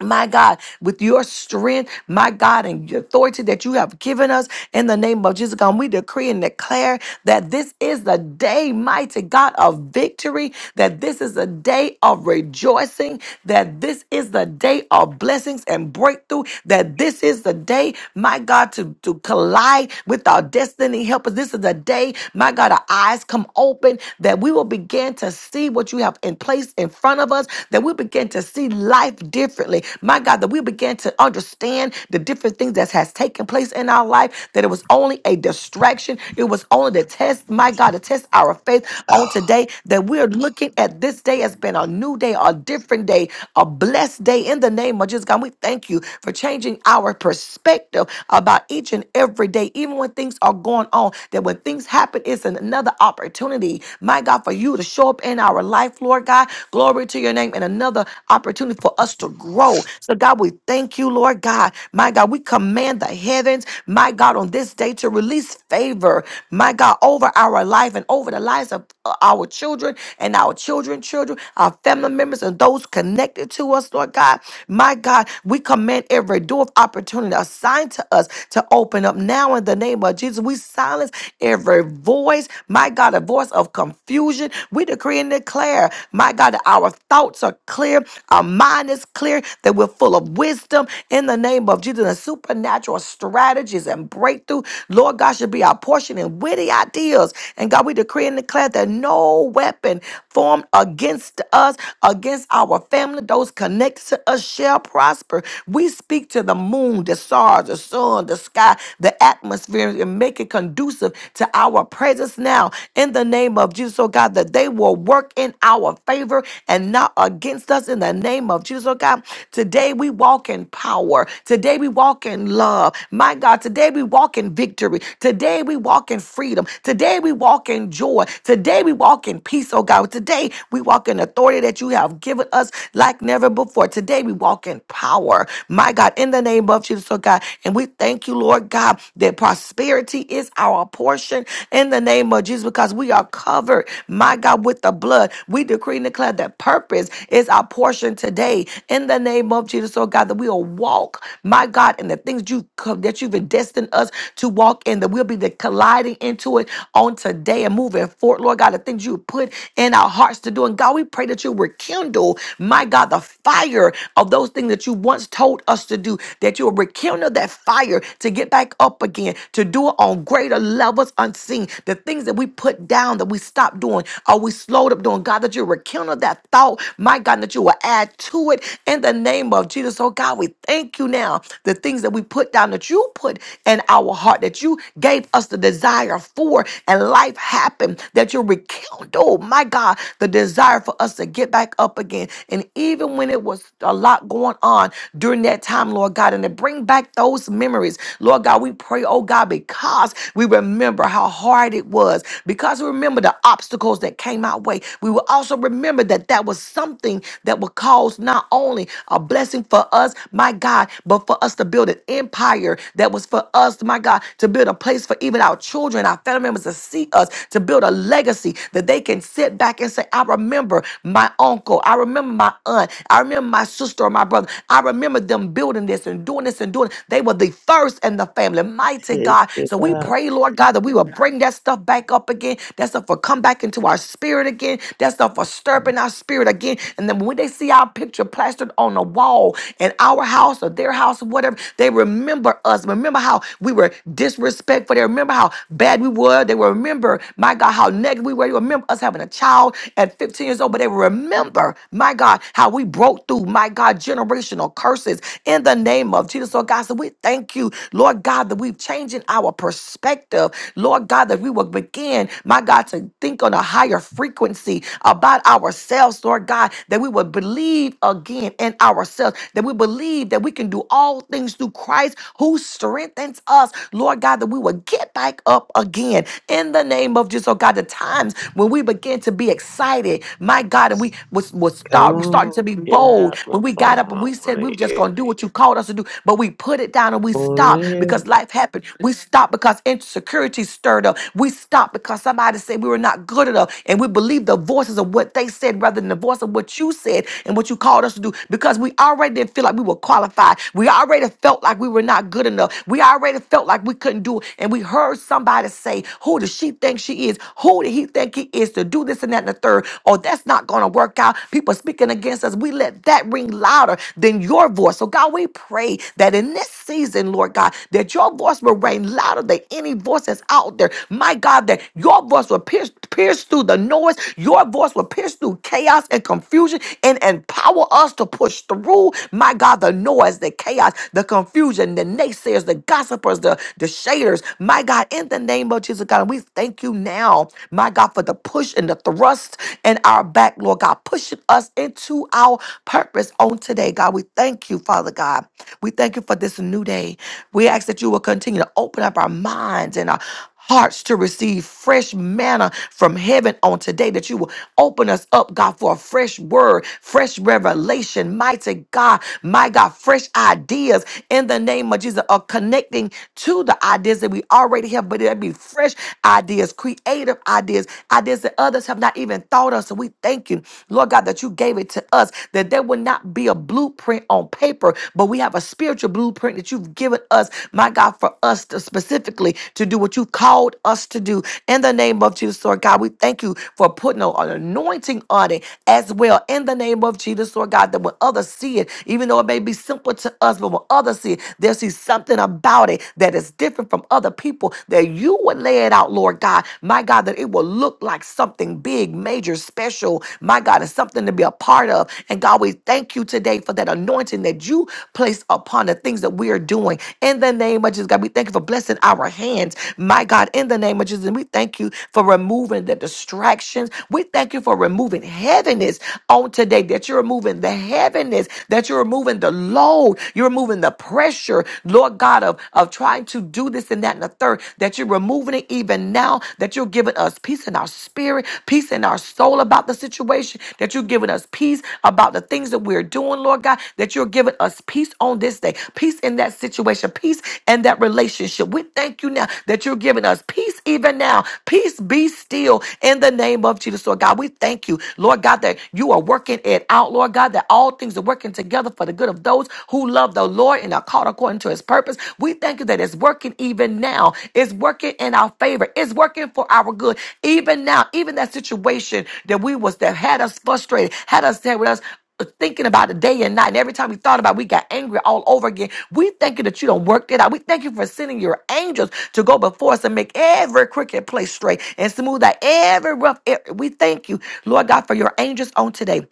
my God, with your strength, my God, and your authority that you have given us in the name of Jesus, God, we decree and declare that this is the day, mighty God, of victory, that this is a day of rejoicing, that this is the day of blessings and breakthrough, that this is the day, my God, to, to collide with our destiny. Help us. This is the day, my God, our eyes come open, that we will begin to see what you have in place in front of us, that we begin to see life differently differently. My God, that we began to understand the different things that has taken place in our life, that it was only a distraction. It was only the test, my God, to test our faith on today, that we're looking at this day as been a new day, a different day, a blessed day in the name of Jesus. God, we thank you for changing our perspective about each and every day, even when things are going on, that when things happen, it's an- another opportunity, my God, for you to show up in our life, Lord God. Glory to your name, and another opportunity for us to grow grow. So, God, we thank you, Lord God. My God, we command the heavens, my God, on this day to release favor, my God, over our life and over the lives of uh, our children and our children, children, our family members, and those connected to us, Lord God. My God, we command every door of opportunity assigned to us to open up now in the name of Jesus. We silence every voice, my God, a voice of confusion. We decree and declare, my God, that our thoughts are clear, our mind is clear declare that we're full of wisdom in the name of Jesus and supernatural strategies and breakthrough. Lord God should be our portion and witty ideas. And God, we decree and declare that no weapon formed against us, against our family, those connected to us shall prosper. We speak to the moon, the stars, the sun, the sky, the atmosphere, and make it conducive to our presence now in the name of Jesus, oh God, that they will work in our favor and not against us in the name of Jesus, oh God. God. Today we walk in power. Today we walk in love. My God, today we walk in victory. Today we walk in freedom. Today we walk in joy. Today we walk in peace, oh God. Today we walk in authority that you have given us like never before. Today we walk in power. My God, in the name of Jesus, oh God. And we thank you, Lord God, that prosperity is our portion in the name of Jesus because we are covered, my God, with the blood. We decree and declare that purpose is our portion today in the name of Jesus, oh God, that we'll walk, my God, in the things that you that you've destined us to walk in, that we'll be the colliding into it on today and moving forward, Lord God, the things you put in our hearts to do. And God, we pray that you rekindle, my God, the fire of those things that you once told us to do, that you'll rekindle that fire to get back up again, to do it on greater levels unseen. The things that we put down that we stopped doing or we slowed up doing, God, that you rekindle that thought, my God, that you will add to it it in the name of Jesus. Oh God, we thank you now. The things that we put down that you put in our heart, that you gave us the desire for, and life happened, that you rekindled, oh my God, the desire for us to get back up again. And even when it was a lot going on during that time, Lord God, and to bring back those memories, Lord God, we pray, oh God, because we remember how hard it was, because we remember the obstacles that came our way. We will also remember that that was something that would cause not only a blessing for us, my God, but for us to build an empire that was for us, my God, to build a place for even our children, our family members to see us, to build a legacy that they can sit back and say, I remember my uncle, I remember my aunt, I remember my sister or my brother, I remember them building this and doing this and doing. it." They were the first in the family, mighty Hey, God. Get So we up, pray, Lord God, that we will bring that stuff back up again. That stuff will come back into our spirit again. That stuff will stir up in our spirit again. And then when they see our picture, picture plastered on a wall in our house or their house or whatever. They remember us. Remember how we were disrespectful. They remember how bad we were. They remember, my God, how negative we were. They remember us having a child at 15 years old, but they remember, my God, how we broke through, my God, generational curses in the name of Jesus. Lord God, so we thank you, Lord God, that we've changing our perspective. Lord God, that we will begin, my God, to think on a higher frequency about ourselves, Lord God, that we will believe believe again in ourselves, that we believe that we can do all things through Christ who strengthens us. Lord God, that we will get back up again in the name of Jesus. Oh God, the times when we begin to be excited, my God, and we was, was come start starting to on, be get bold out my when we phone. got up and I we want said to we were just hear. gonna do what you called us to do, but we put it down and we stopped because life happened. We stopped because insecurity stirred up. We stopped because somebody said we were not good enough, and we believed the voices of what they said rather than the voice of what you said and what what you called us to do because we already didn't feel like we were qualified. We already felt like we were not good enough. We already felt like we couldn't do it. And we heard somebody say, Who does she think she is? Who did he think he is to do this and that and the third? Oh, that's not going to work out. People speaking against us. We let that ring louder than your voice. So, God, we pray that in this season, Lord God, that your voice will ring louder than any voice that's out there. My God, that your voice will pierce, pierce through the noise. Your voice will pierce through chaos and confusion and, and Empower us to push through, my God, the noise, the chaos, the confusion, the naysayers, the gossipers, the, the shaders. My God, in the name of Jesus, God, we thank you now, my God, for the push and the thrust in our back, Lord God, pushing us into our purpose on today, God. We thank you, Father God. We thank you for this new day. We ask that you will continue to open up our minds and our hearts to receive fresh manna from heaven on today, that you will open us up, God, for a fresh word, fresh revelation, mighty God, my God, fresh ideas in the name of Jesus, of connecting to the ideas that we already have, but that be fresh ideas, creative ideas, ideas that others have not even thought of. So we thank you, Lord God, that you gave it to us, that there will not be a blueprint on paper, but we have a spiritual blueprint that you've given us, my God, for us to specifically to do what you've called us to do. In the name of Jesus, Lord God, we thank you for putting on an anointing on it as well. In the name of Jesus, Lord God, that when others see it, even though it may be simple to us, but when others see it, they'll see something about it that is different from other people, that you would lay it out, Lord God. My God, that it will look like something big, major, special. My God, it's something to be a part of. And God, we thank you today for that anointing that you place upon the things that we are doing. In the name of Jesus, God, we thank you for blessing our hands. My God, in the name of Jesus, and we thank you for removing the distractions. We thank you for removing heaviness on today, that you're removing the heaviness, that you're removing the load, you're removing the pressure, Lord God, of, of trying to do this and that and the third, that you're removing it even now even now that you're giving us peace in our spirit, peace in our soul about the situation, that you're giving us peace about the things that we're doing, Lord God, that you're giving us peace on this day, peace in that situation, peace in that relationship. We thank you now that you're giving us peace even now. Peace be still in the name of Jesus, Lord God. We thank you, Lord God, that you are working it out, Lord God, that all things are working together for the good of those who love the Lord and are called called according to his purpose. We thank you that it's working even now. It's working in our favor. It's working for our good. Even now, even that situation that we was that had us frustrated, had us there with us uh, thinking about it day and night. And every time we thought about it, we got angry all over again. We thank you that you don't work it out. We thank you for sending your angels to go before us and make every crooked place straight and smooth out every rough area. We thank you, Lord God, for your angels on today.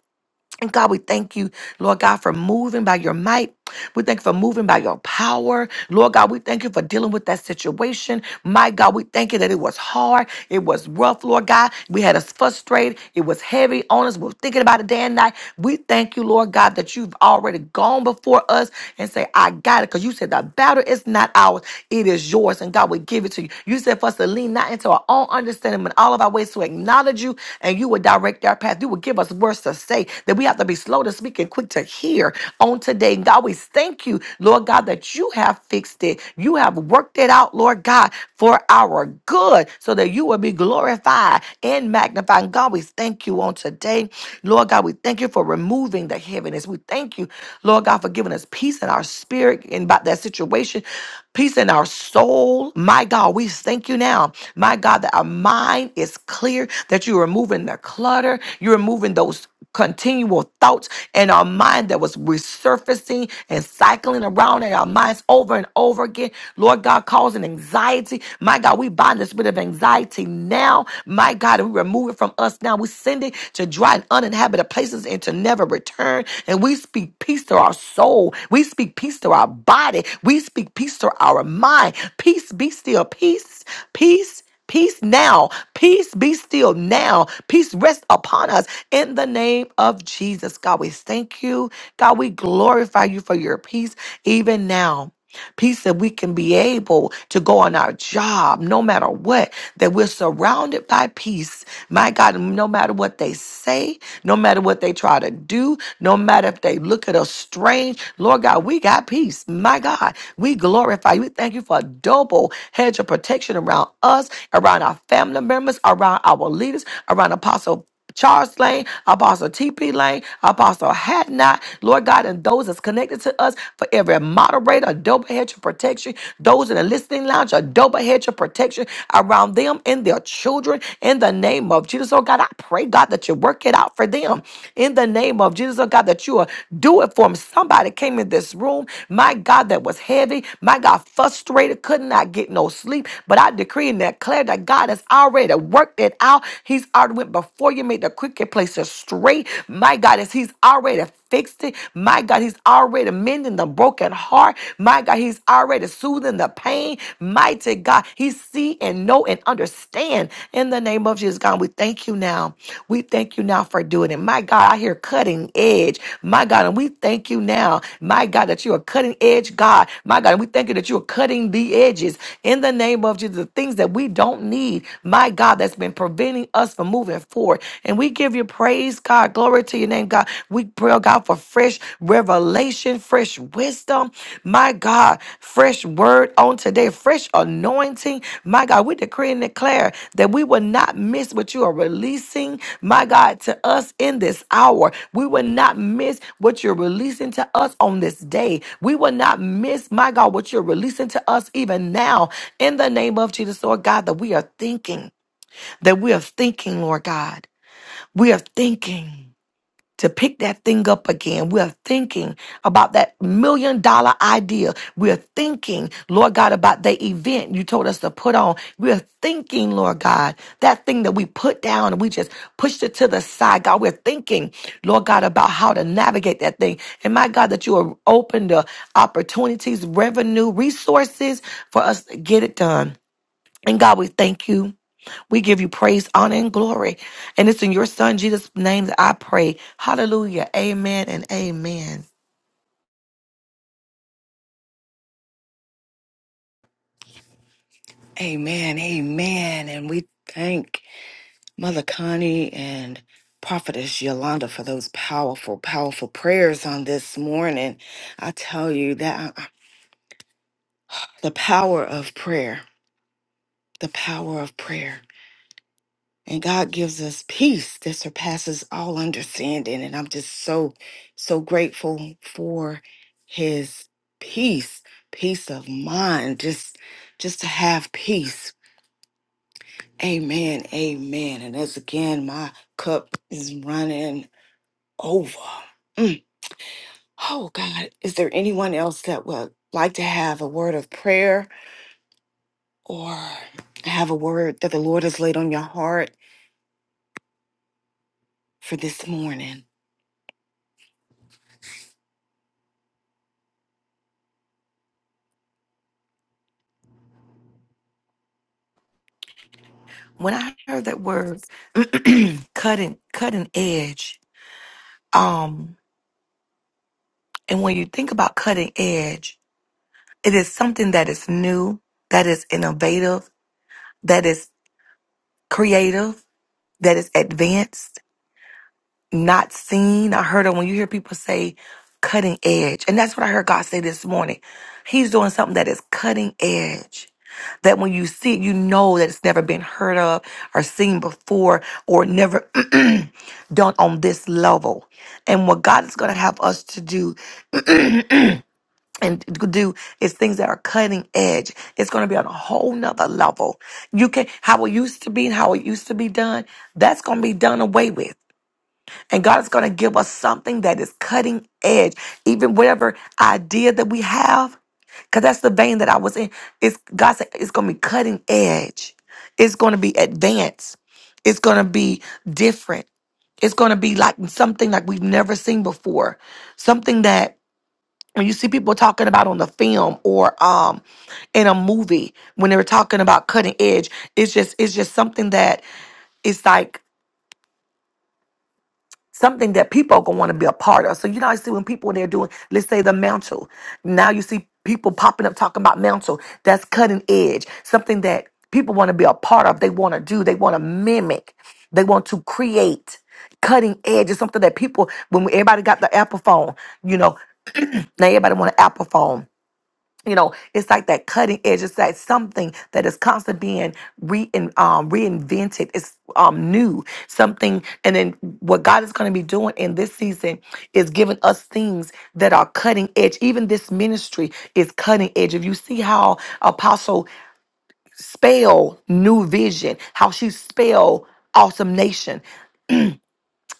And God, we thank you, Lord God, for moving by your might. We thank you for moving by your power. Lord God, we thank you for dealing with that situation. My God, we thank you that it was hard. It was rough, Lord God. We had us frustrated. It was heavy on us. We were thinking about it day and night. We thank you, Lord God, that you've already gone before us and say, I got it. Because you said the battle is not ours, it is yours. And God, we give it to you. You said for us to lean not into our own understanding, but in all of our ways to acknowledge you and you would direct our path. You would give us words to to say, that we have to be slow to speak and quick to hear on today. God, we thank you, Lord God, that you have fixed it. You have worked it out, Lord God, for our good, so that you will be glorified and magnified. And God, we thank you on today. Lord God, we thank you for removing the heaviness. We thank you, Lord God, for giving us peace in our spirit and about that situation, peace in our soul. My God, we thank you now, my God, that our mind is clear, that you're removing the clutter, you're removing those continual thoughts in our mind that was resurfacing and cycling around in our minds over and over again. Lord God, causing anxiety. My God, we bind the spirit of anxiety now. My God, and we remove it from us now. We send it to dry and uninhabited places and to never return. And we speak peace to our soul. We speak peace to our body. We speak peace to our mind. Peace be still. Peace. Peace. Peace now. Peace be still now. Peace rest upon us in the name of Jesus. God, we thank you. God, we glorify you for your peace even now. Peace that we can be able to go on our job no matter what, that we're surrounded by peace. My God, no matter what they say, no matter what they try to do, no matter if they look at us strange, Lord God. God, we got peace. My God, we glorify you. We thank you for a double hedge of protection around us, around our family members, around our leaders, around Apostle. Charles Lane, Apostle TP Lane, Apostle Hadnot, Lord God, and those that's connected to us for every moderator, a double hedge of protection. Those in the listening lounge, a double hedge of protection around them and their children in the name of Jesus. Oh God, I pray pray, God, that you work it out for them in the name of Jesus, oh God, that you will do it for them. Somebody came in this room, my God, that was heavy, my God, frustrated, could not get no sleep. But I decree and declare that God has already worked it out. He's already went before you, made the cricket places straight. My God, as He's already fixed it. My God, He's already mending the broken heart. My God, He's already soothing the pain everything, mighty God. He see and know and understand in the name of Jesus, God. We thank you now. We thank you now for doing it. My God, I hear cutting edge. My God, and we thank you now. My God, that you are cutting edge, God. My God, and we thank you that you are cutting the edges in the name of Jesus. The things that we don't need, my God, that's been preventing us from moving forward. And we give you praise, God. Glory to your name, God. We pray, God, for fresh revelation, fresh wisdom, my God, fresh word on today, fresh anointing, my God. We decree and declare that we will not miss what you are releasing, my God, to us in this hour. We will not miss what you're releasing to us on this day. We will not miss, my God, what you're releasing to us even now in the name of Jesus, Lord God, that we are thinking, that we are thinking, Lord God, we are thinking to pick that thing up again. We're thinking about that million dollar idea. We're thinking, Lord God, about the event you told us to put on. We're thinking, Lord God, that thing that we put down and we just pushed it to the side. God, we're thinking, Lord God, about how to navigate that thing. And my God, that you are open to opportunities, revenue, resources for us to get it done. And God, we thank you. We give you praise, honor, and glory. And it's in your son Jesus' name that I pray. Hallelujah. Amen and amen. Amen, amen. And we thank Mother Connie and Prophetess Yolanda for those powerful, powerful prayers on this morning. I tell you that uh, uh, the power of prayer, the power of prayer. And God gives us peace that surpasses all understanding. And I'm just so, so grateful for his peace, peace of mind, just just to have peace Amen, amen. And that's again, my cup is running over. Mm. Oh, God, is there anyone else that would like to have a word of prayer or have a word that the Lord has laid on your heart for this morning? When I heard that word cutting cutting edge, um, and when you think about cutting edge, it is something that is new, that is innovative, that is creative, that is advanced, not seen. I heard it when you hear people say cutting edge. And that's what I heard God say this morning. He's doing something that is cutting edge that when you see it, you know that it's never been heard of or seen before or never done on this level. And what God is going to have us to do and do is things that are cutting edge. It's going to be on a whole nother level. You can, how it used to be and how it used to be done, that's going to be done away with. And God is going to give us something that is cutting edge, even whatever idea that we have. Because that's the vein that I was in. It's God said it's going to be cutting edge. It's going to be advanced. It's going to be different. It's going to be like something like we've never seen before. Something that when you see people talking about on the film or um in a movie when they were talking about cutting edge, it's just it's just something that it's like something that people are gonna want to be a part of. So you know, I see when people when they're doing, let's say the mantle. Now you see people popping up talking about mantle. That's cutting edge, something that people want to be a part of. They want to do. They want to mimic. They want to create. Cutting edge is something that people when we, everybody got the Apple phone, you know, now everybody want an Apple phone you know it's like that cutting edge it's that something that is constantly being re- um, reinvented it's um, new something and then what god is going to be doing in this season is giving us things that are cutting edge even this ministry is cutting edge if you see how apostle spell new vision how she spell awesome nation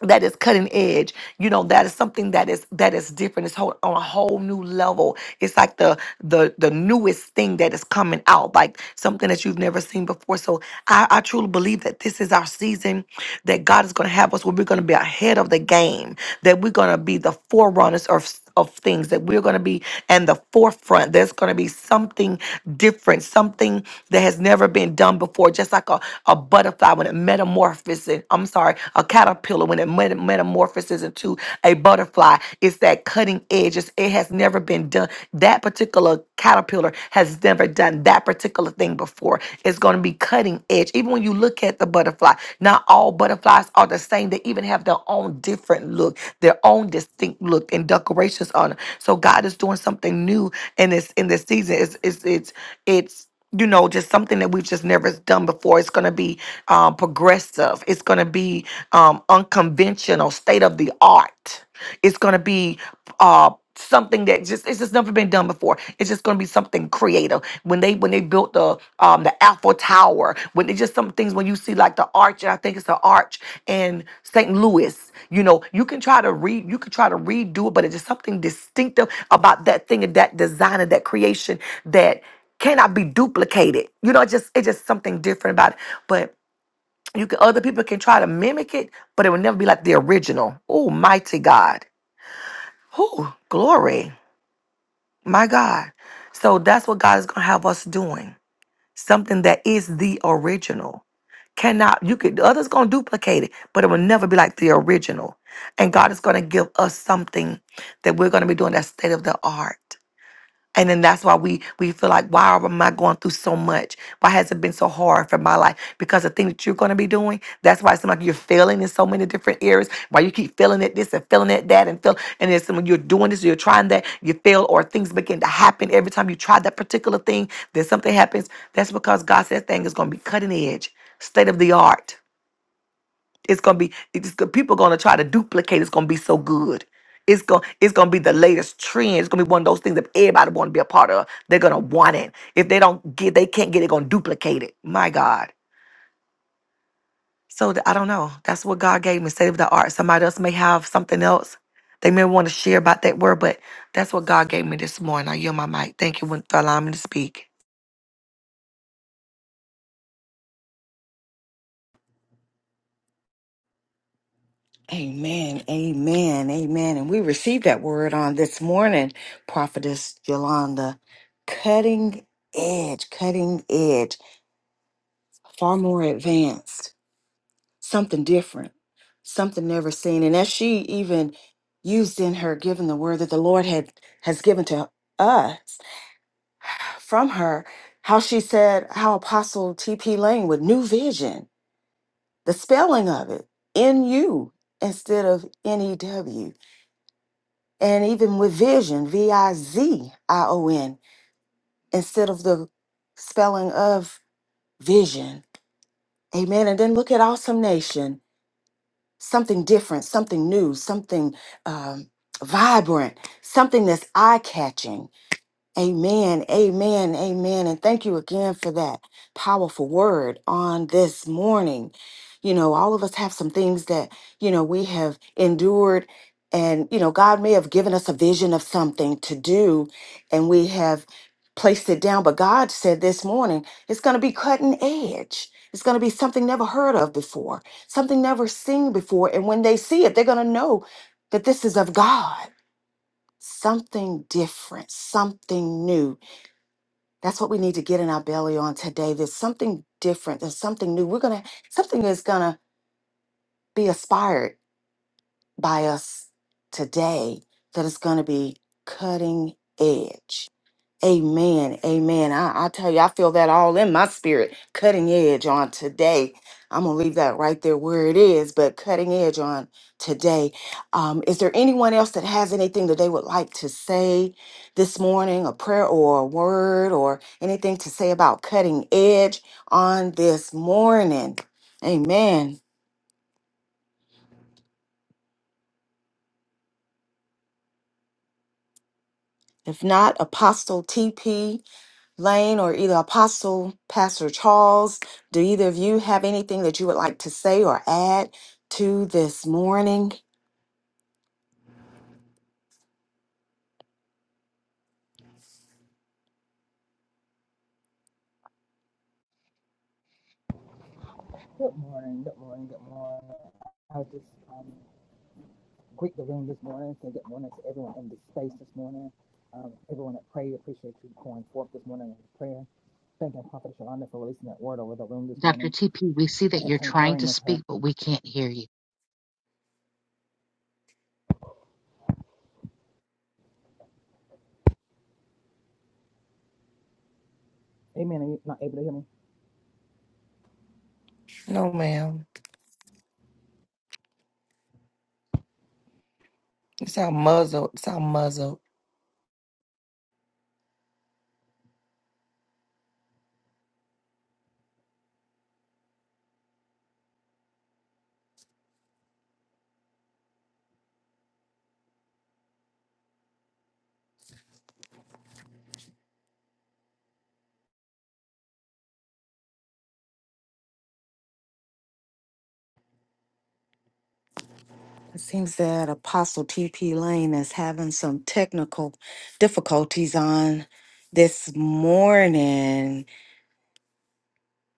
that is cutting edge you know that is something that is that is different it's whole, on a whole new level it's like the the the newest thing that is coming out like something that you've never seen before so i i truly believe that this is our season that god is going to have us where we're going to be ahead of the game that we're going to be the forerunners of of things that we're going to be in the forefront. There's going to be something different, something that has never been done before, just like a, a butterfly when it metamorphoses. I'm sorry, a caterpillar when it meta- metamorphoses into a butterfly. It's that cutting edge. It's, it has never been done. That particular caterpillar has never done that particular thing before. It's going to be be cutting edge. Even when you look at the butterfly, not all butterflies are the same. They even have their own different look, their own distinct look and decorations on them. So God is doing something new in this in this season. It's it's it's it's you know just something that we've just never done before it's going to be um, progressive it's going to be um, unconventional state of the art it's going to be uh something that just it's just never been done before. It's just going to be something creative. When they when they built the um the Eiffel Tower, when they just some things when you see like the arch, and I think it's the arch in St. Louis. You know, you can try to read, you can try to redo it, but it's just something distinctive about that thing and that design and that creation that cannot be duplicated. You know, it just it's just something different about it. But you can other people can try to mimic it, but it will never be like the original. Oh, mighty God. Whew, glory. My God. So that's what God is going to have us doing. Something that is the original. Cannot, you could, others going to duplicate it, but it will never be like the original. And God is going to give us something that we're going to be doing that state of the art. And then that's why we we feel like, why am I going through so much? Why has it been so hard for my life? Because the thing that you're going to be doing, that's why it seems like you're failing in so many different areas. Why you keep failing at this and failing at that and feel, and it's when you're doing this, you're trying that, you fail, or things begin to happen every time you try that particular thing. Then something happens. That's because God said that thing is going to be cutting edge, state of the art. It's gonna be it's go- people gonna try to duplicate. It's gonna be so good. It's gonna it's gonna be the latest trend. It's gonna be one of those things that everybody want to be a part of. They're gonna want it. If they don't get, they can't get. it. gonna duplicate it. My God. So th- I don't know. That's what God gave me. Save the art. Somebody else may have something else. They may want to share about that word, but that's what God gave me this morning. I yield my mic. Thank you for allowing me to speak. Amen, amen, amen. And we received that word on this morning, Prophetess Yolanda. Cutting edge, cutting edge, far more advanced. something different, something never seen. And as she even used in her giving the word that the Lord had has given to us from her, how she said how Apostle T.P. Lane with new vision, the spelling of it, N U instead of N E W. And even with vision, V I Z I O N, instead of the spelling of vision. Amen. And then look at Awesome Nation something different, something new, something um, vibrant, something that's eye catching Amen, amen, amen. And thank you again for that powerful word on this morning. You know, all of us have some things that, you know, we have endured, and, you know, God may have given us a vision of something to do, and we have placed it down. But God said this morning, it's going to be cutting edge. It's going to be something never heard of before, something never seen before. And when they see it, they're going to know that this is of God, something different, something new that's what we need to get in our belly on today. There's something different. There's something new. We're gonna something is gonna be aspired by us today that is gonna be cutting edge. Amen. Amen. I, I tell you, I feel that all in my spirit. Cutting edge on today. I'm going to leave that right there where it is, but cutting edge on today. Um, is there anyone else that has anything that they would like to say this morning, a prayer or a word or anything to say about cutting edge on this morning? Amen. If not, Apostle TP. Lane or either Apostle Pastor Charles, do either of you have anything that you would like to say or add to this morning? Good morning, good morning, good morning. I was just um, greet the room this morning, say good morning to everyone in the space this morning. Um, everyone that prayed, appreciate you going forth this morning in prayer. Thanking Prophet Shalanda for releasing that word over the room this Dr. morning TP, we see that and you're trying concurring to with her. speak, but we can't hear you. Amen. Are you not able to hear me? No, ma'am. You sound muzzled. You sound muzzled. It seems that Apostle TP Lane is having some technical difficulties on this morning.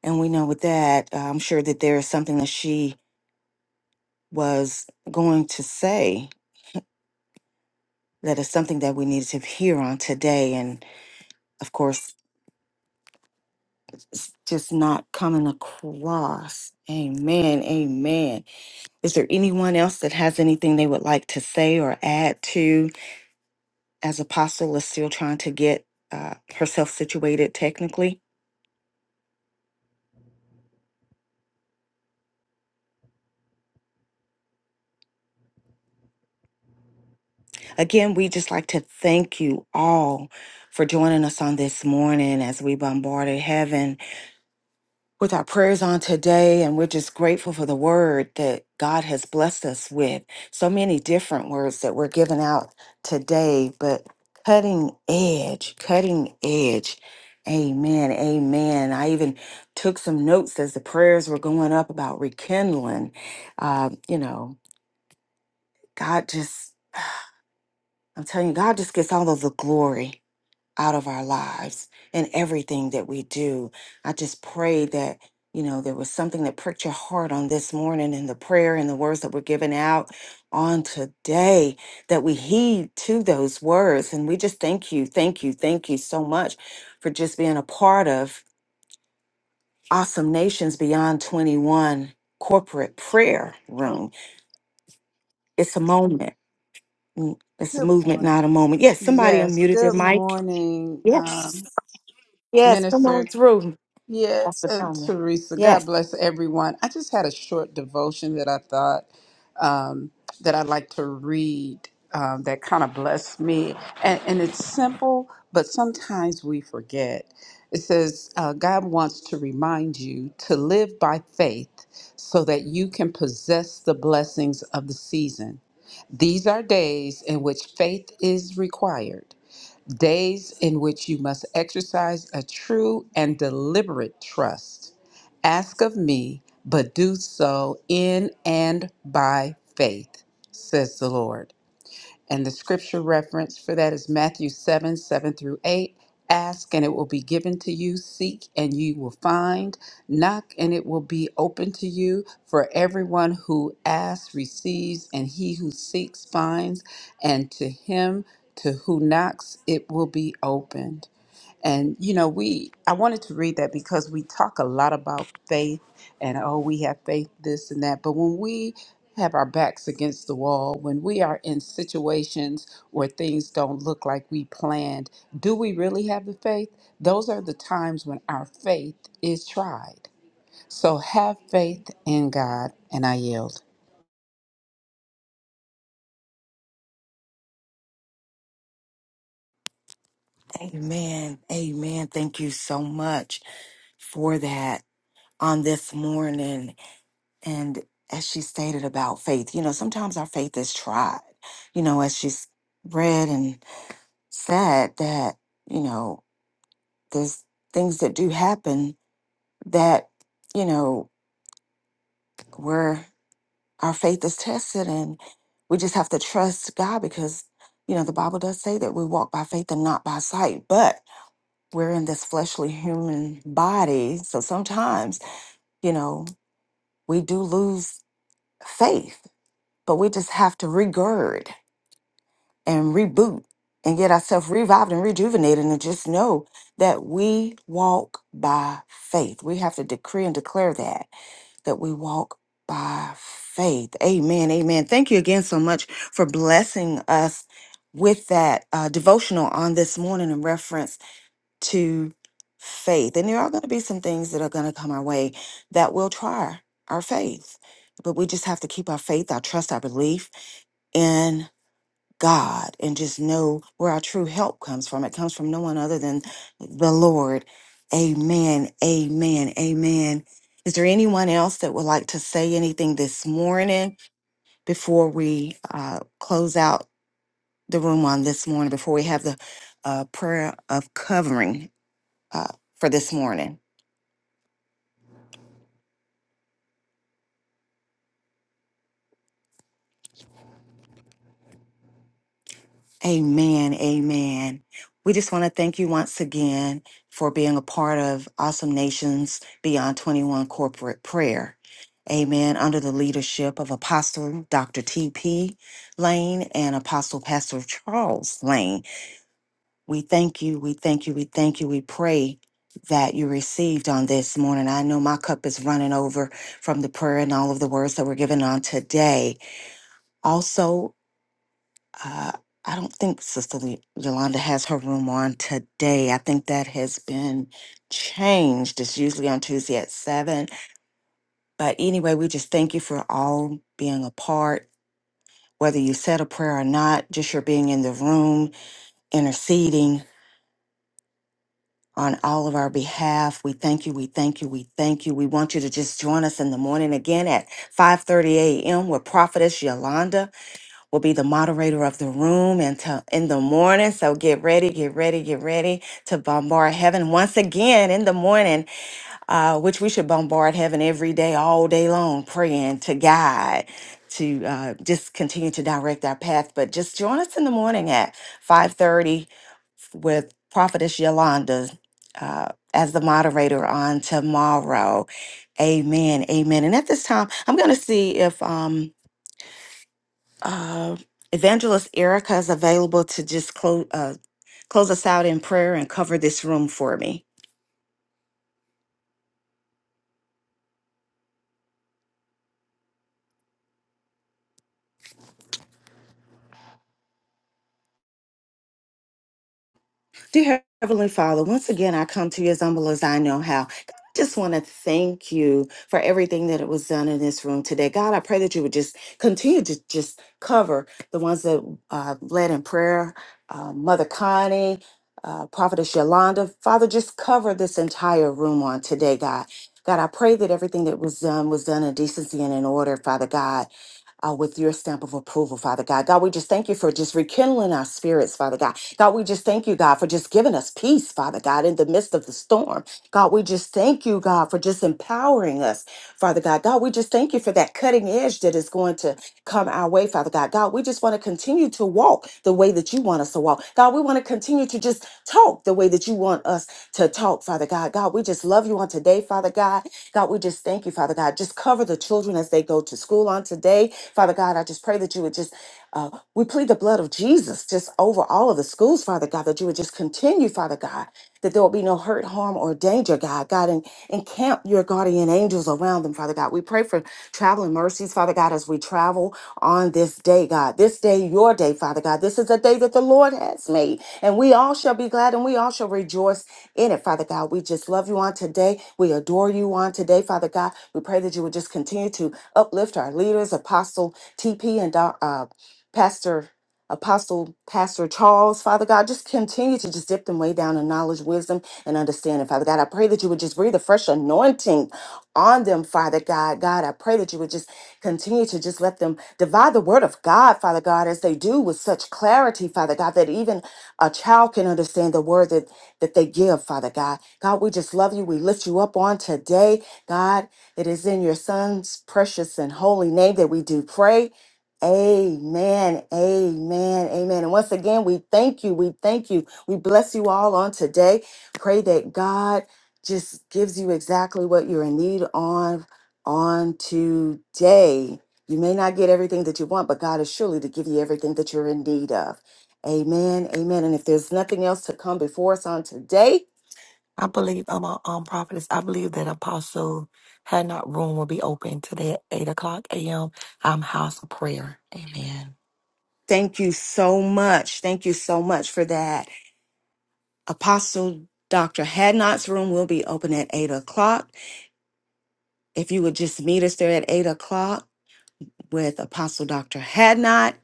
And we know with that, uh, I'm sure that there is something that she was going to say that is something that we needed to hear on today. And of course, it's just not coming across. Amen. Amen. Is there anyone else that has anything they would like to say or add to as Apostle is still trying to get uh, herself situated technically? Again, we just like to thank you all for joining us on this morning as we bombarded heaven with our prayers on today, and we're just grateful for the word that God has blessed us with. So many different words that were given out today, but cutting edge, cutting edge. Amen, amen. I even took some notes as the prayers were going up about rekindling. Uh, you know, God just, I'm telling you, God just gets all of the glory out of our lives and everything that we do. I just pray that, you know, there was something that pricked your heart on this morning in the prayer and the words that were given out on today, that we heed to those words. And we just thank you, thank you, thank you so much for just being a part of Awesome Nations Beyond 21 corporate prayer Oh, room. It's a moment. Mm, It's a good movement, not morning. a moment. Yes, somebody Yes, unmuted their good mic. morning, um, Yes. Yes, come Minister. on through. Yeah, Pastor uh, Tony. Teresa. God Yes. bless everyone. I just had a short devotion that I thought um, that I'd like to read. Um, that kind of blessed me, and, and it's simple, but sometimes we forget. It says uh, God wants to remind you to live by faith, so that you can possess the blessings of the season. These are days in which faith is required, days in which you must exercise a true and deliberate trust. Ask of me, but do so in and by faith, says the Lord. And the scripture reference for that is Matthew 7 7 through 8. Ask and it will be given to you. Seek and you will find. Knock and it will be open to you. For everyone who asks receives, and he who seeks finds. And to him to who knocks it will be opened. And you know, we I wanted to read that because we talk a lot about faith and oh, we have faith this and that, but when we have our backs against the wall, when we are in situations where things don't look like we planned, do we really have the faith? Those are the times when our faith is tried. So have faith in God and I yield. Amen. Amen. Thank you so much for that on this morning. And as she stated about faith, you know, sometimes our faith is tried. You know, as she's read and said that, you know, there's things that do happen that, you know, where our faith is tested and we just have to trust God because, you know, the Bible does say that we walk by faith and not by sight. But we're in this fleshly human body. So sometimes, you know, we do lose faith, but we just have to regird and reboot and get ourselves revived and rejuvenated and just know that we walk by faith. We have to decree and declare that that we walk by faith. Amen. Amen. Thank you again so much for blessing us with that uh, devotional on this morning in reference to faith. And there are going to be some things that are going to come our way that will try our faith. But we just have to keep our faith, our trust, our belief in God and just know where our true help comes from. It comes from no one other than the Lord. Amen. Amen. Amen. Is there anyone else that would like to say anything this morning before we uh, close out the room on this morning, before we have the uh, prayer of covering uh, for this morning. Amen. Amen. We just want to thank you once again for being a part of Awesome Nations Beyond 21 Corporate Prayer. Amen. Under the leadership of Apostle Dr. T.P. Lane and Apostle Pastor Charles Lane. We thank you. We thank you. We thank you. We pray that you received on this morning. I know my cup is running over from the prayer and all of the words that were given on today. Also, Uh, I don't think Sister Lee- Yolanda has her room on today. I think that has been changed. It's usually on Tuesday at 7. But anyway, we just thank you for all being a part, whether you said a prayer or not, just your being in the room, interceding on all of our behalf. We thank you, we thank you, we thank you. We want you to just join us in the morning again at 5.30 a.m. with Prophetess Yolanda will be the moderator of the room until in the morning. So get ready, get ready, get ready to bombard heaven once again in the morning, uh, which we should bombard heaven every day, all day long, praying to God to uh, just continue to direct our path. But just join us in the morning at 5.30 with Prophetess Yolanda uh, as the moderator on tomorrow. Amen. Amen. And at this time, I'm going to see if... um uh, Evangelist Erica is available to just close uh, close us out in prayer and cover this room for me. Dear Heavenly Father, once again, I come to you as humble as I know how. God, I just want to thank you for everything that it was done in this room today. God, I pray that you would just continue to just cover the ones that uh, led in prayer, uh, Mother Connie, uh, Prophetess Yolanda. Father, just cover this entire room on today, God. God, I pray that everything that was done was done in decency and in order, Father God uh, with your stamp of approval, Father God. God, we just thank you for just rekindling our spirits, Father God. God, we just thank you, God, for just giving us peace, Father God, in the midst of the storm. God, we just thank you, God, for just empowering us, Father God. God, we just thank you for that cutting edge that is going to come our way, Father God. God, we just want to continue to walk the way that you want us to walk. God, we want to continue to just talk the way that you want us to talk, Father God. God, we just love you on today, Father God. God, we just thank you, Father God. Just cover the children as they go to school on today. Father God, I just pray that you would just, uh, we plead the blood of Jesus just over all of the schools, Father God, that you would just continue, Father God, that there will be no hurt, harm, or danger, God. God, and encamp your guardian angels around them, Father God. We pray for traveling mercies, Father God, as we travel on this day, God. This day, your day, Father God. This is a day that the Lord has made, and we all shall be glad and we all shall rejoice in it, Father God. We just love you on today. We adore you on today, Father God. We pray that you would just continue to uplift our leaders, Apostle TP and Doc- uh, Pastor. Apostle Pastor Charles, Father God, just continue to just dip them way down in knowledge, wisdom, and understanding, Father God. I pray that you would just breathe a fresh anointing on them, Father God. God, I pray that you would just continue to just let them divide the word of God, Father God, as they do with such clarity, Father God, that even a child can understand the word that they give, Father God. God, we just love you. We lift you up on today. God, it is in your Son's precious and holy name that we do pray. Amen. Amen. Amen. And once again, we thank you. We thank you. We bless you all on today. Pray that God just gives you exactly what you're in need on on today. You may not get everything that you want, but God is surely to give you everything that you're in need of. Amen. Amen. And if there's nothing else to come before us on today, I believe I'm a um, prophetess. I believe that Apostle Had Not Room will be open today at 8 o'clock a.m. Um, house of prayer. Amen. thank you so much. Thank you so much for that. Apostle Dr. Hadnot's room will be open at 8 o'clock. If you would just meet us there at 8 o'clock with Apostle Dr. Hadnot.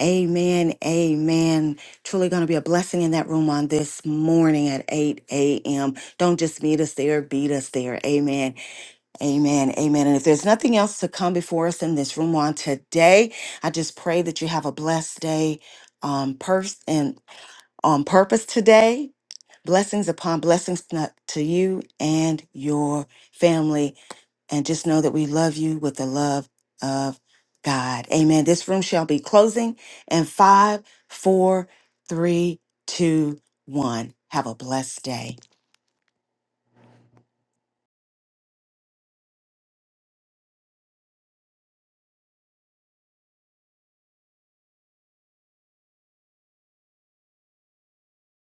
Amen. Amen. Truly going to be a blessing in that room on this morning at 8 a.m. Don't just meet us there, beat us there. Amen. Amen. Amen. And if there's nothing else to come before us in this room on today, I just pray that you have a blessed day on purpose and on purpose today. Blessings upon blessings not- to you and your family. And just know that we love you with the love of God. Amen. This room shall be closing in five, four, three, two, one. Have a blessed day.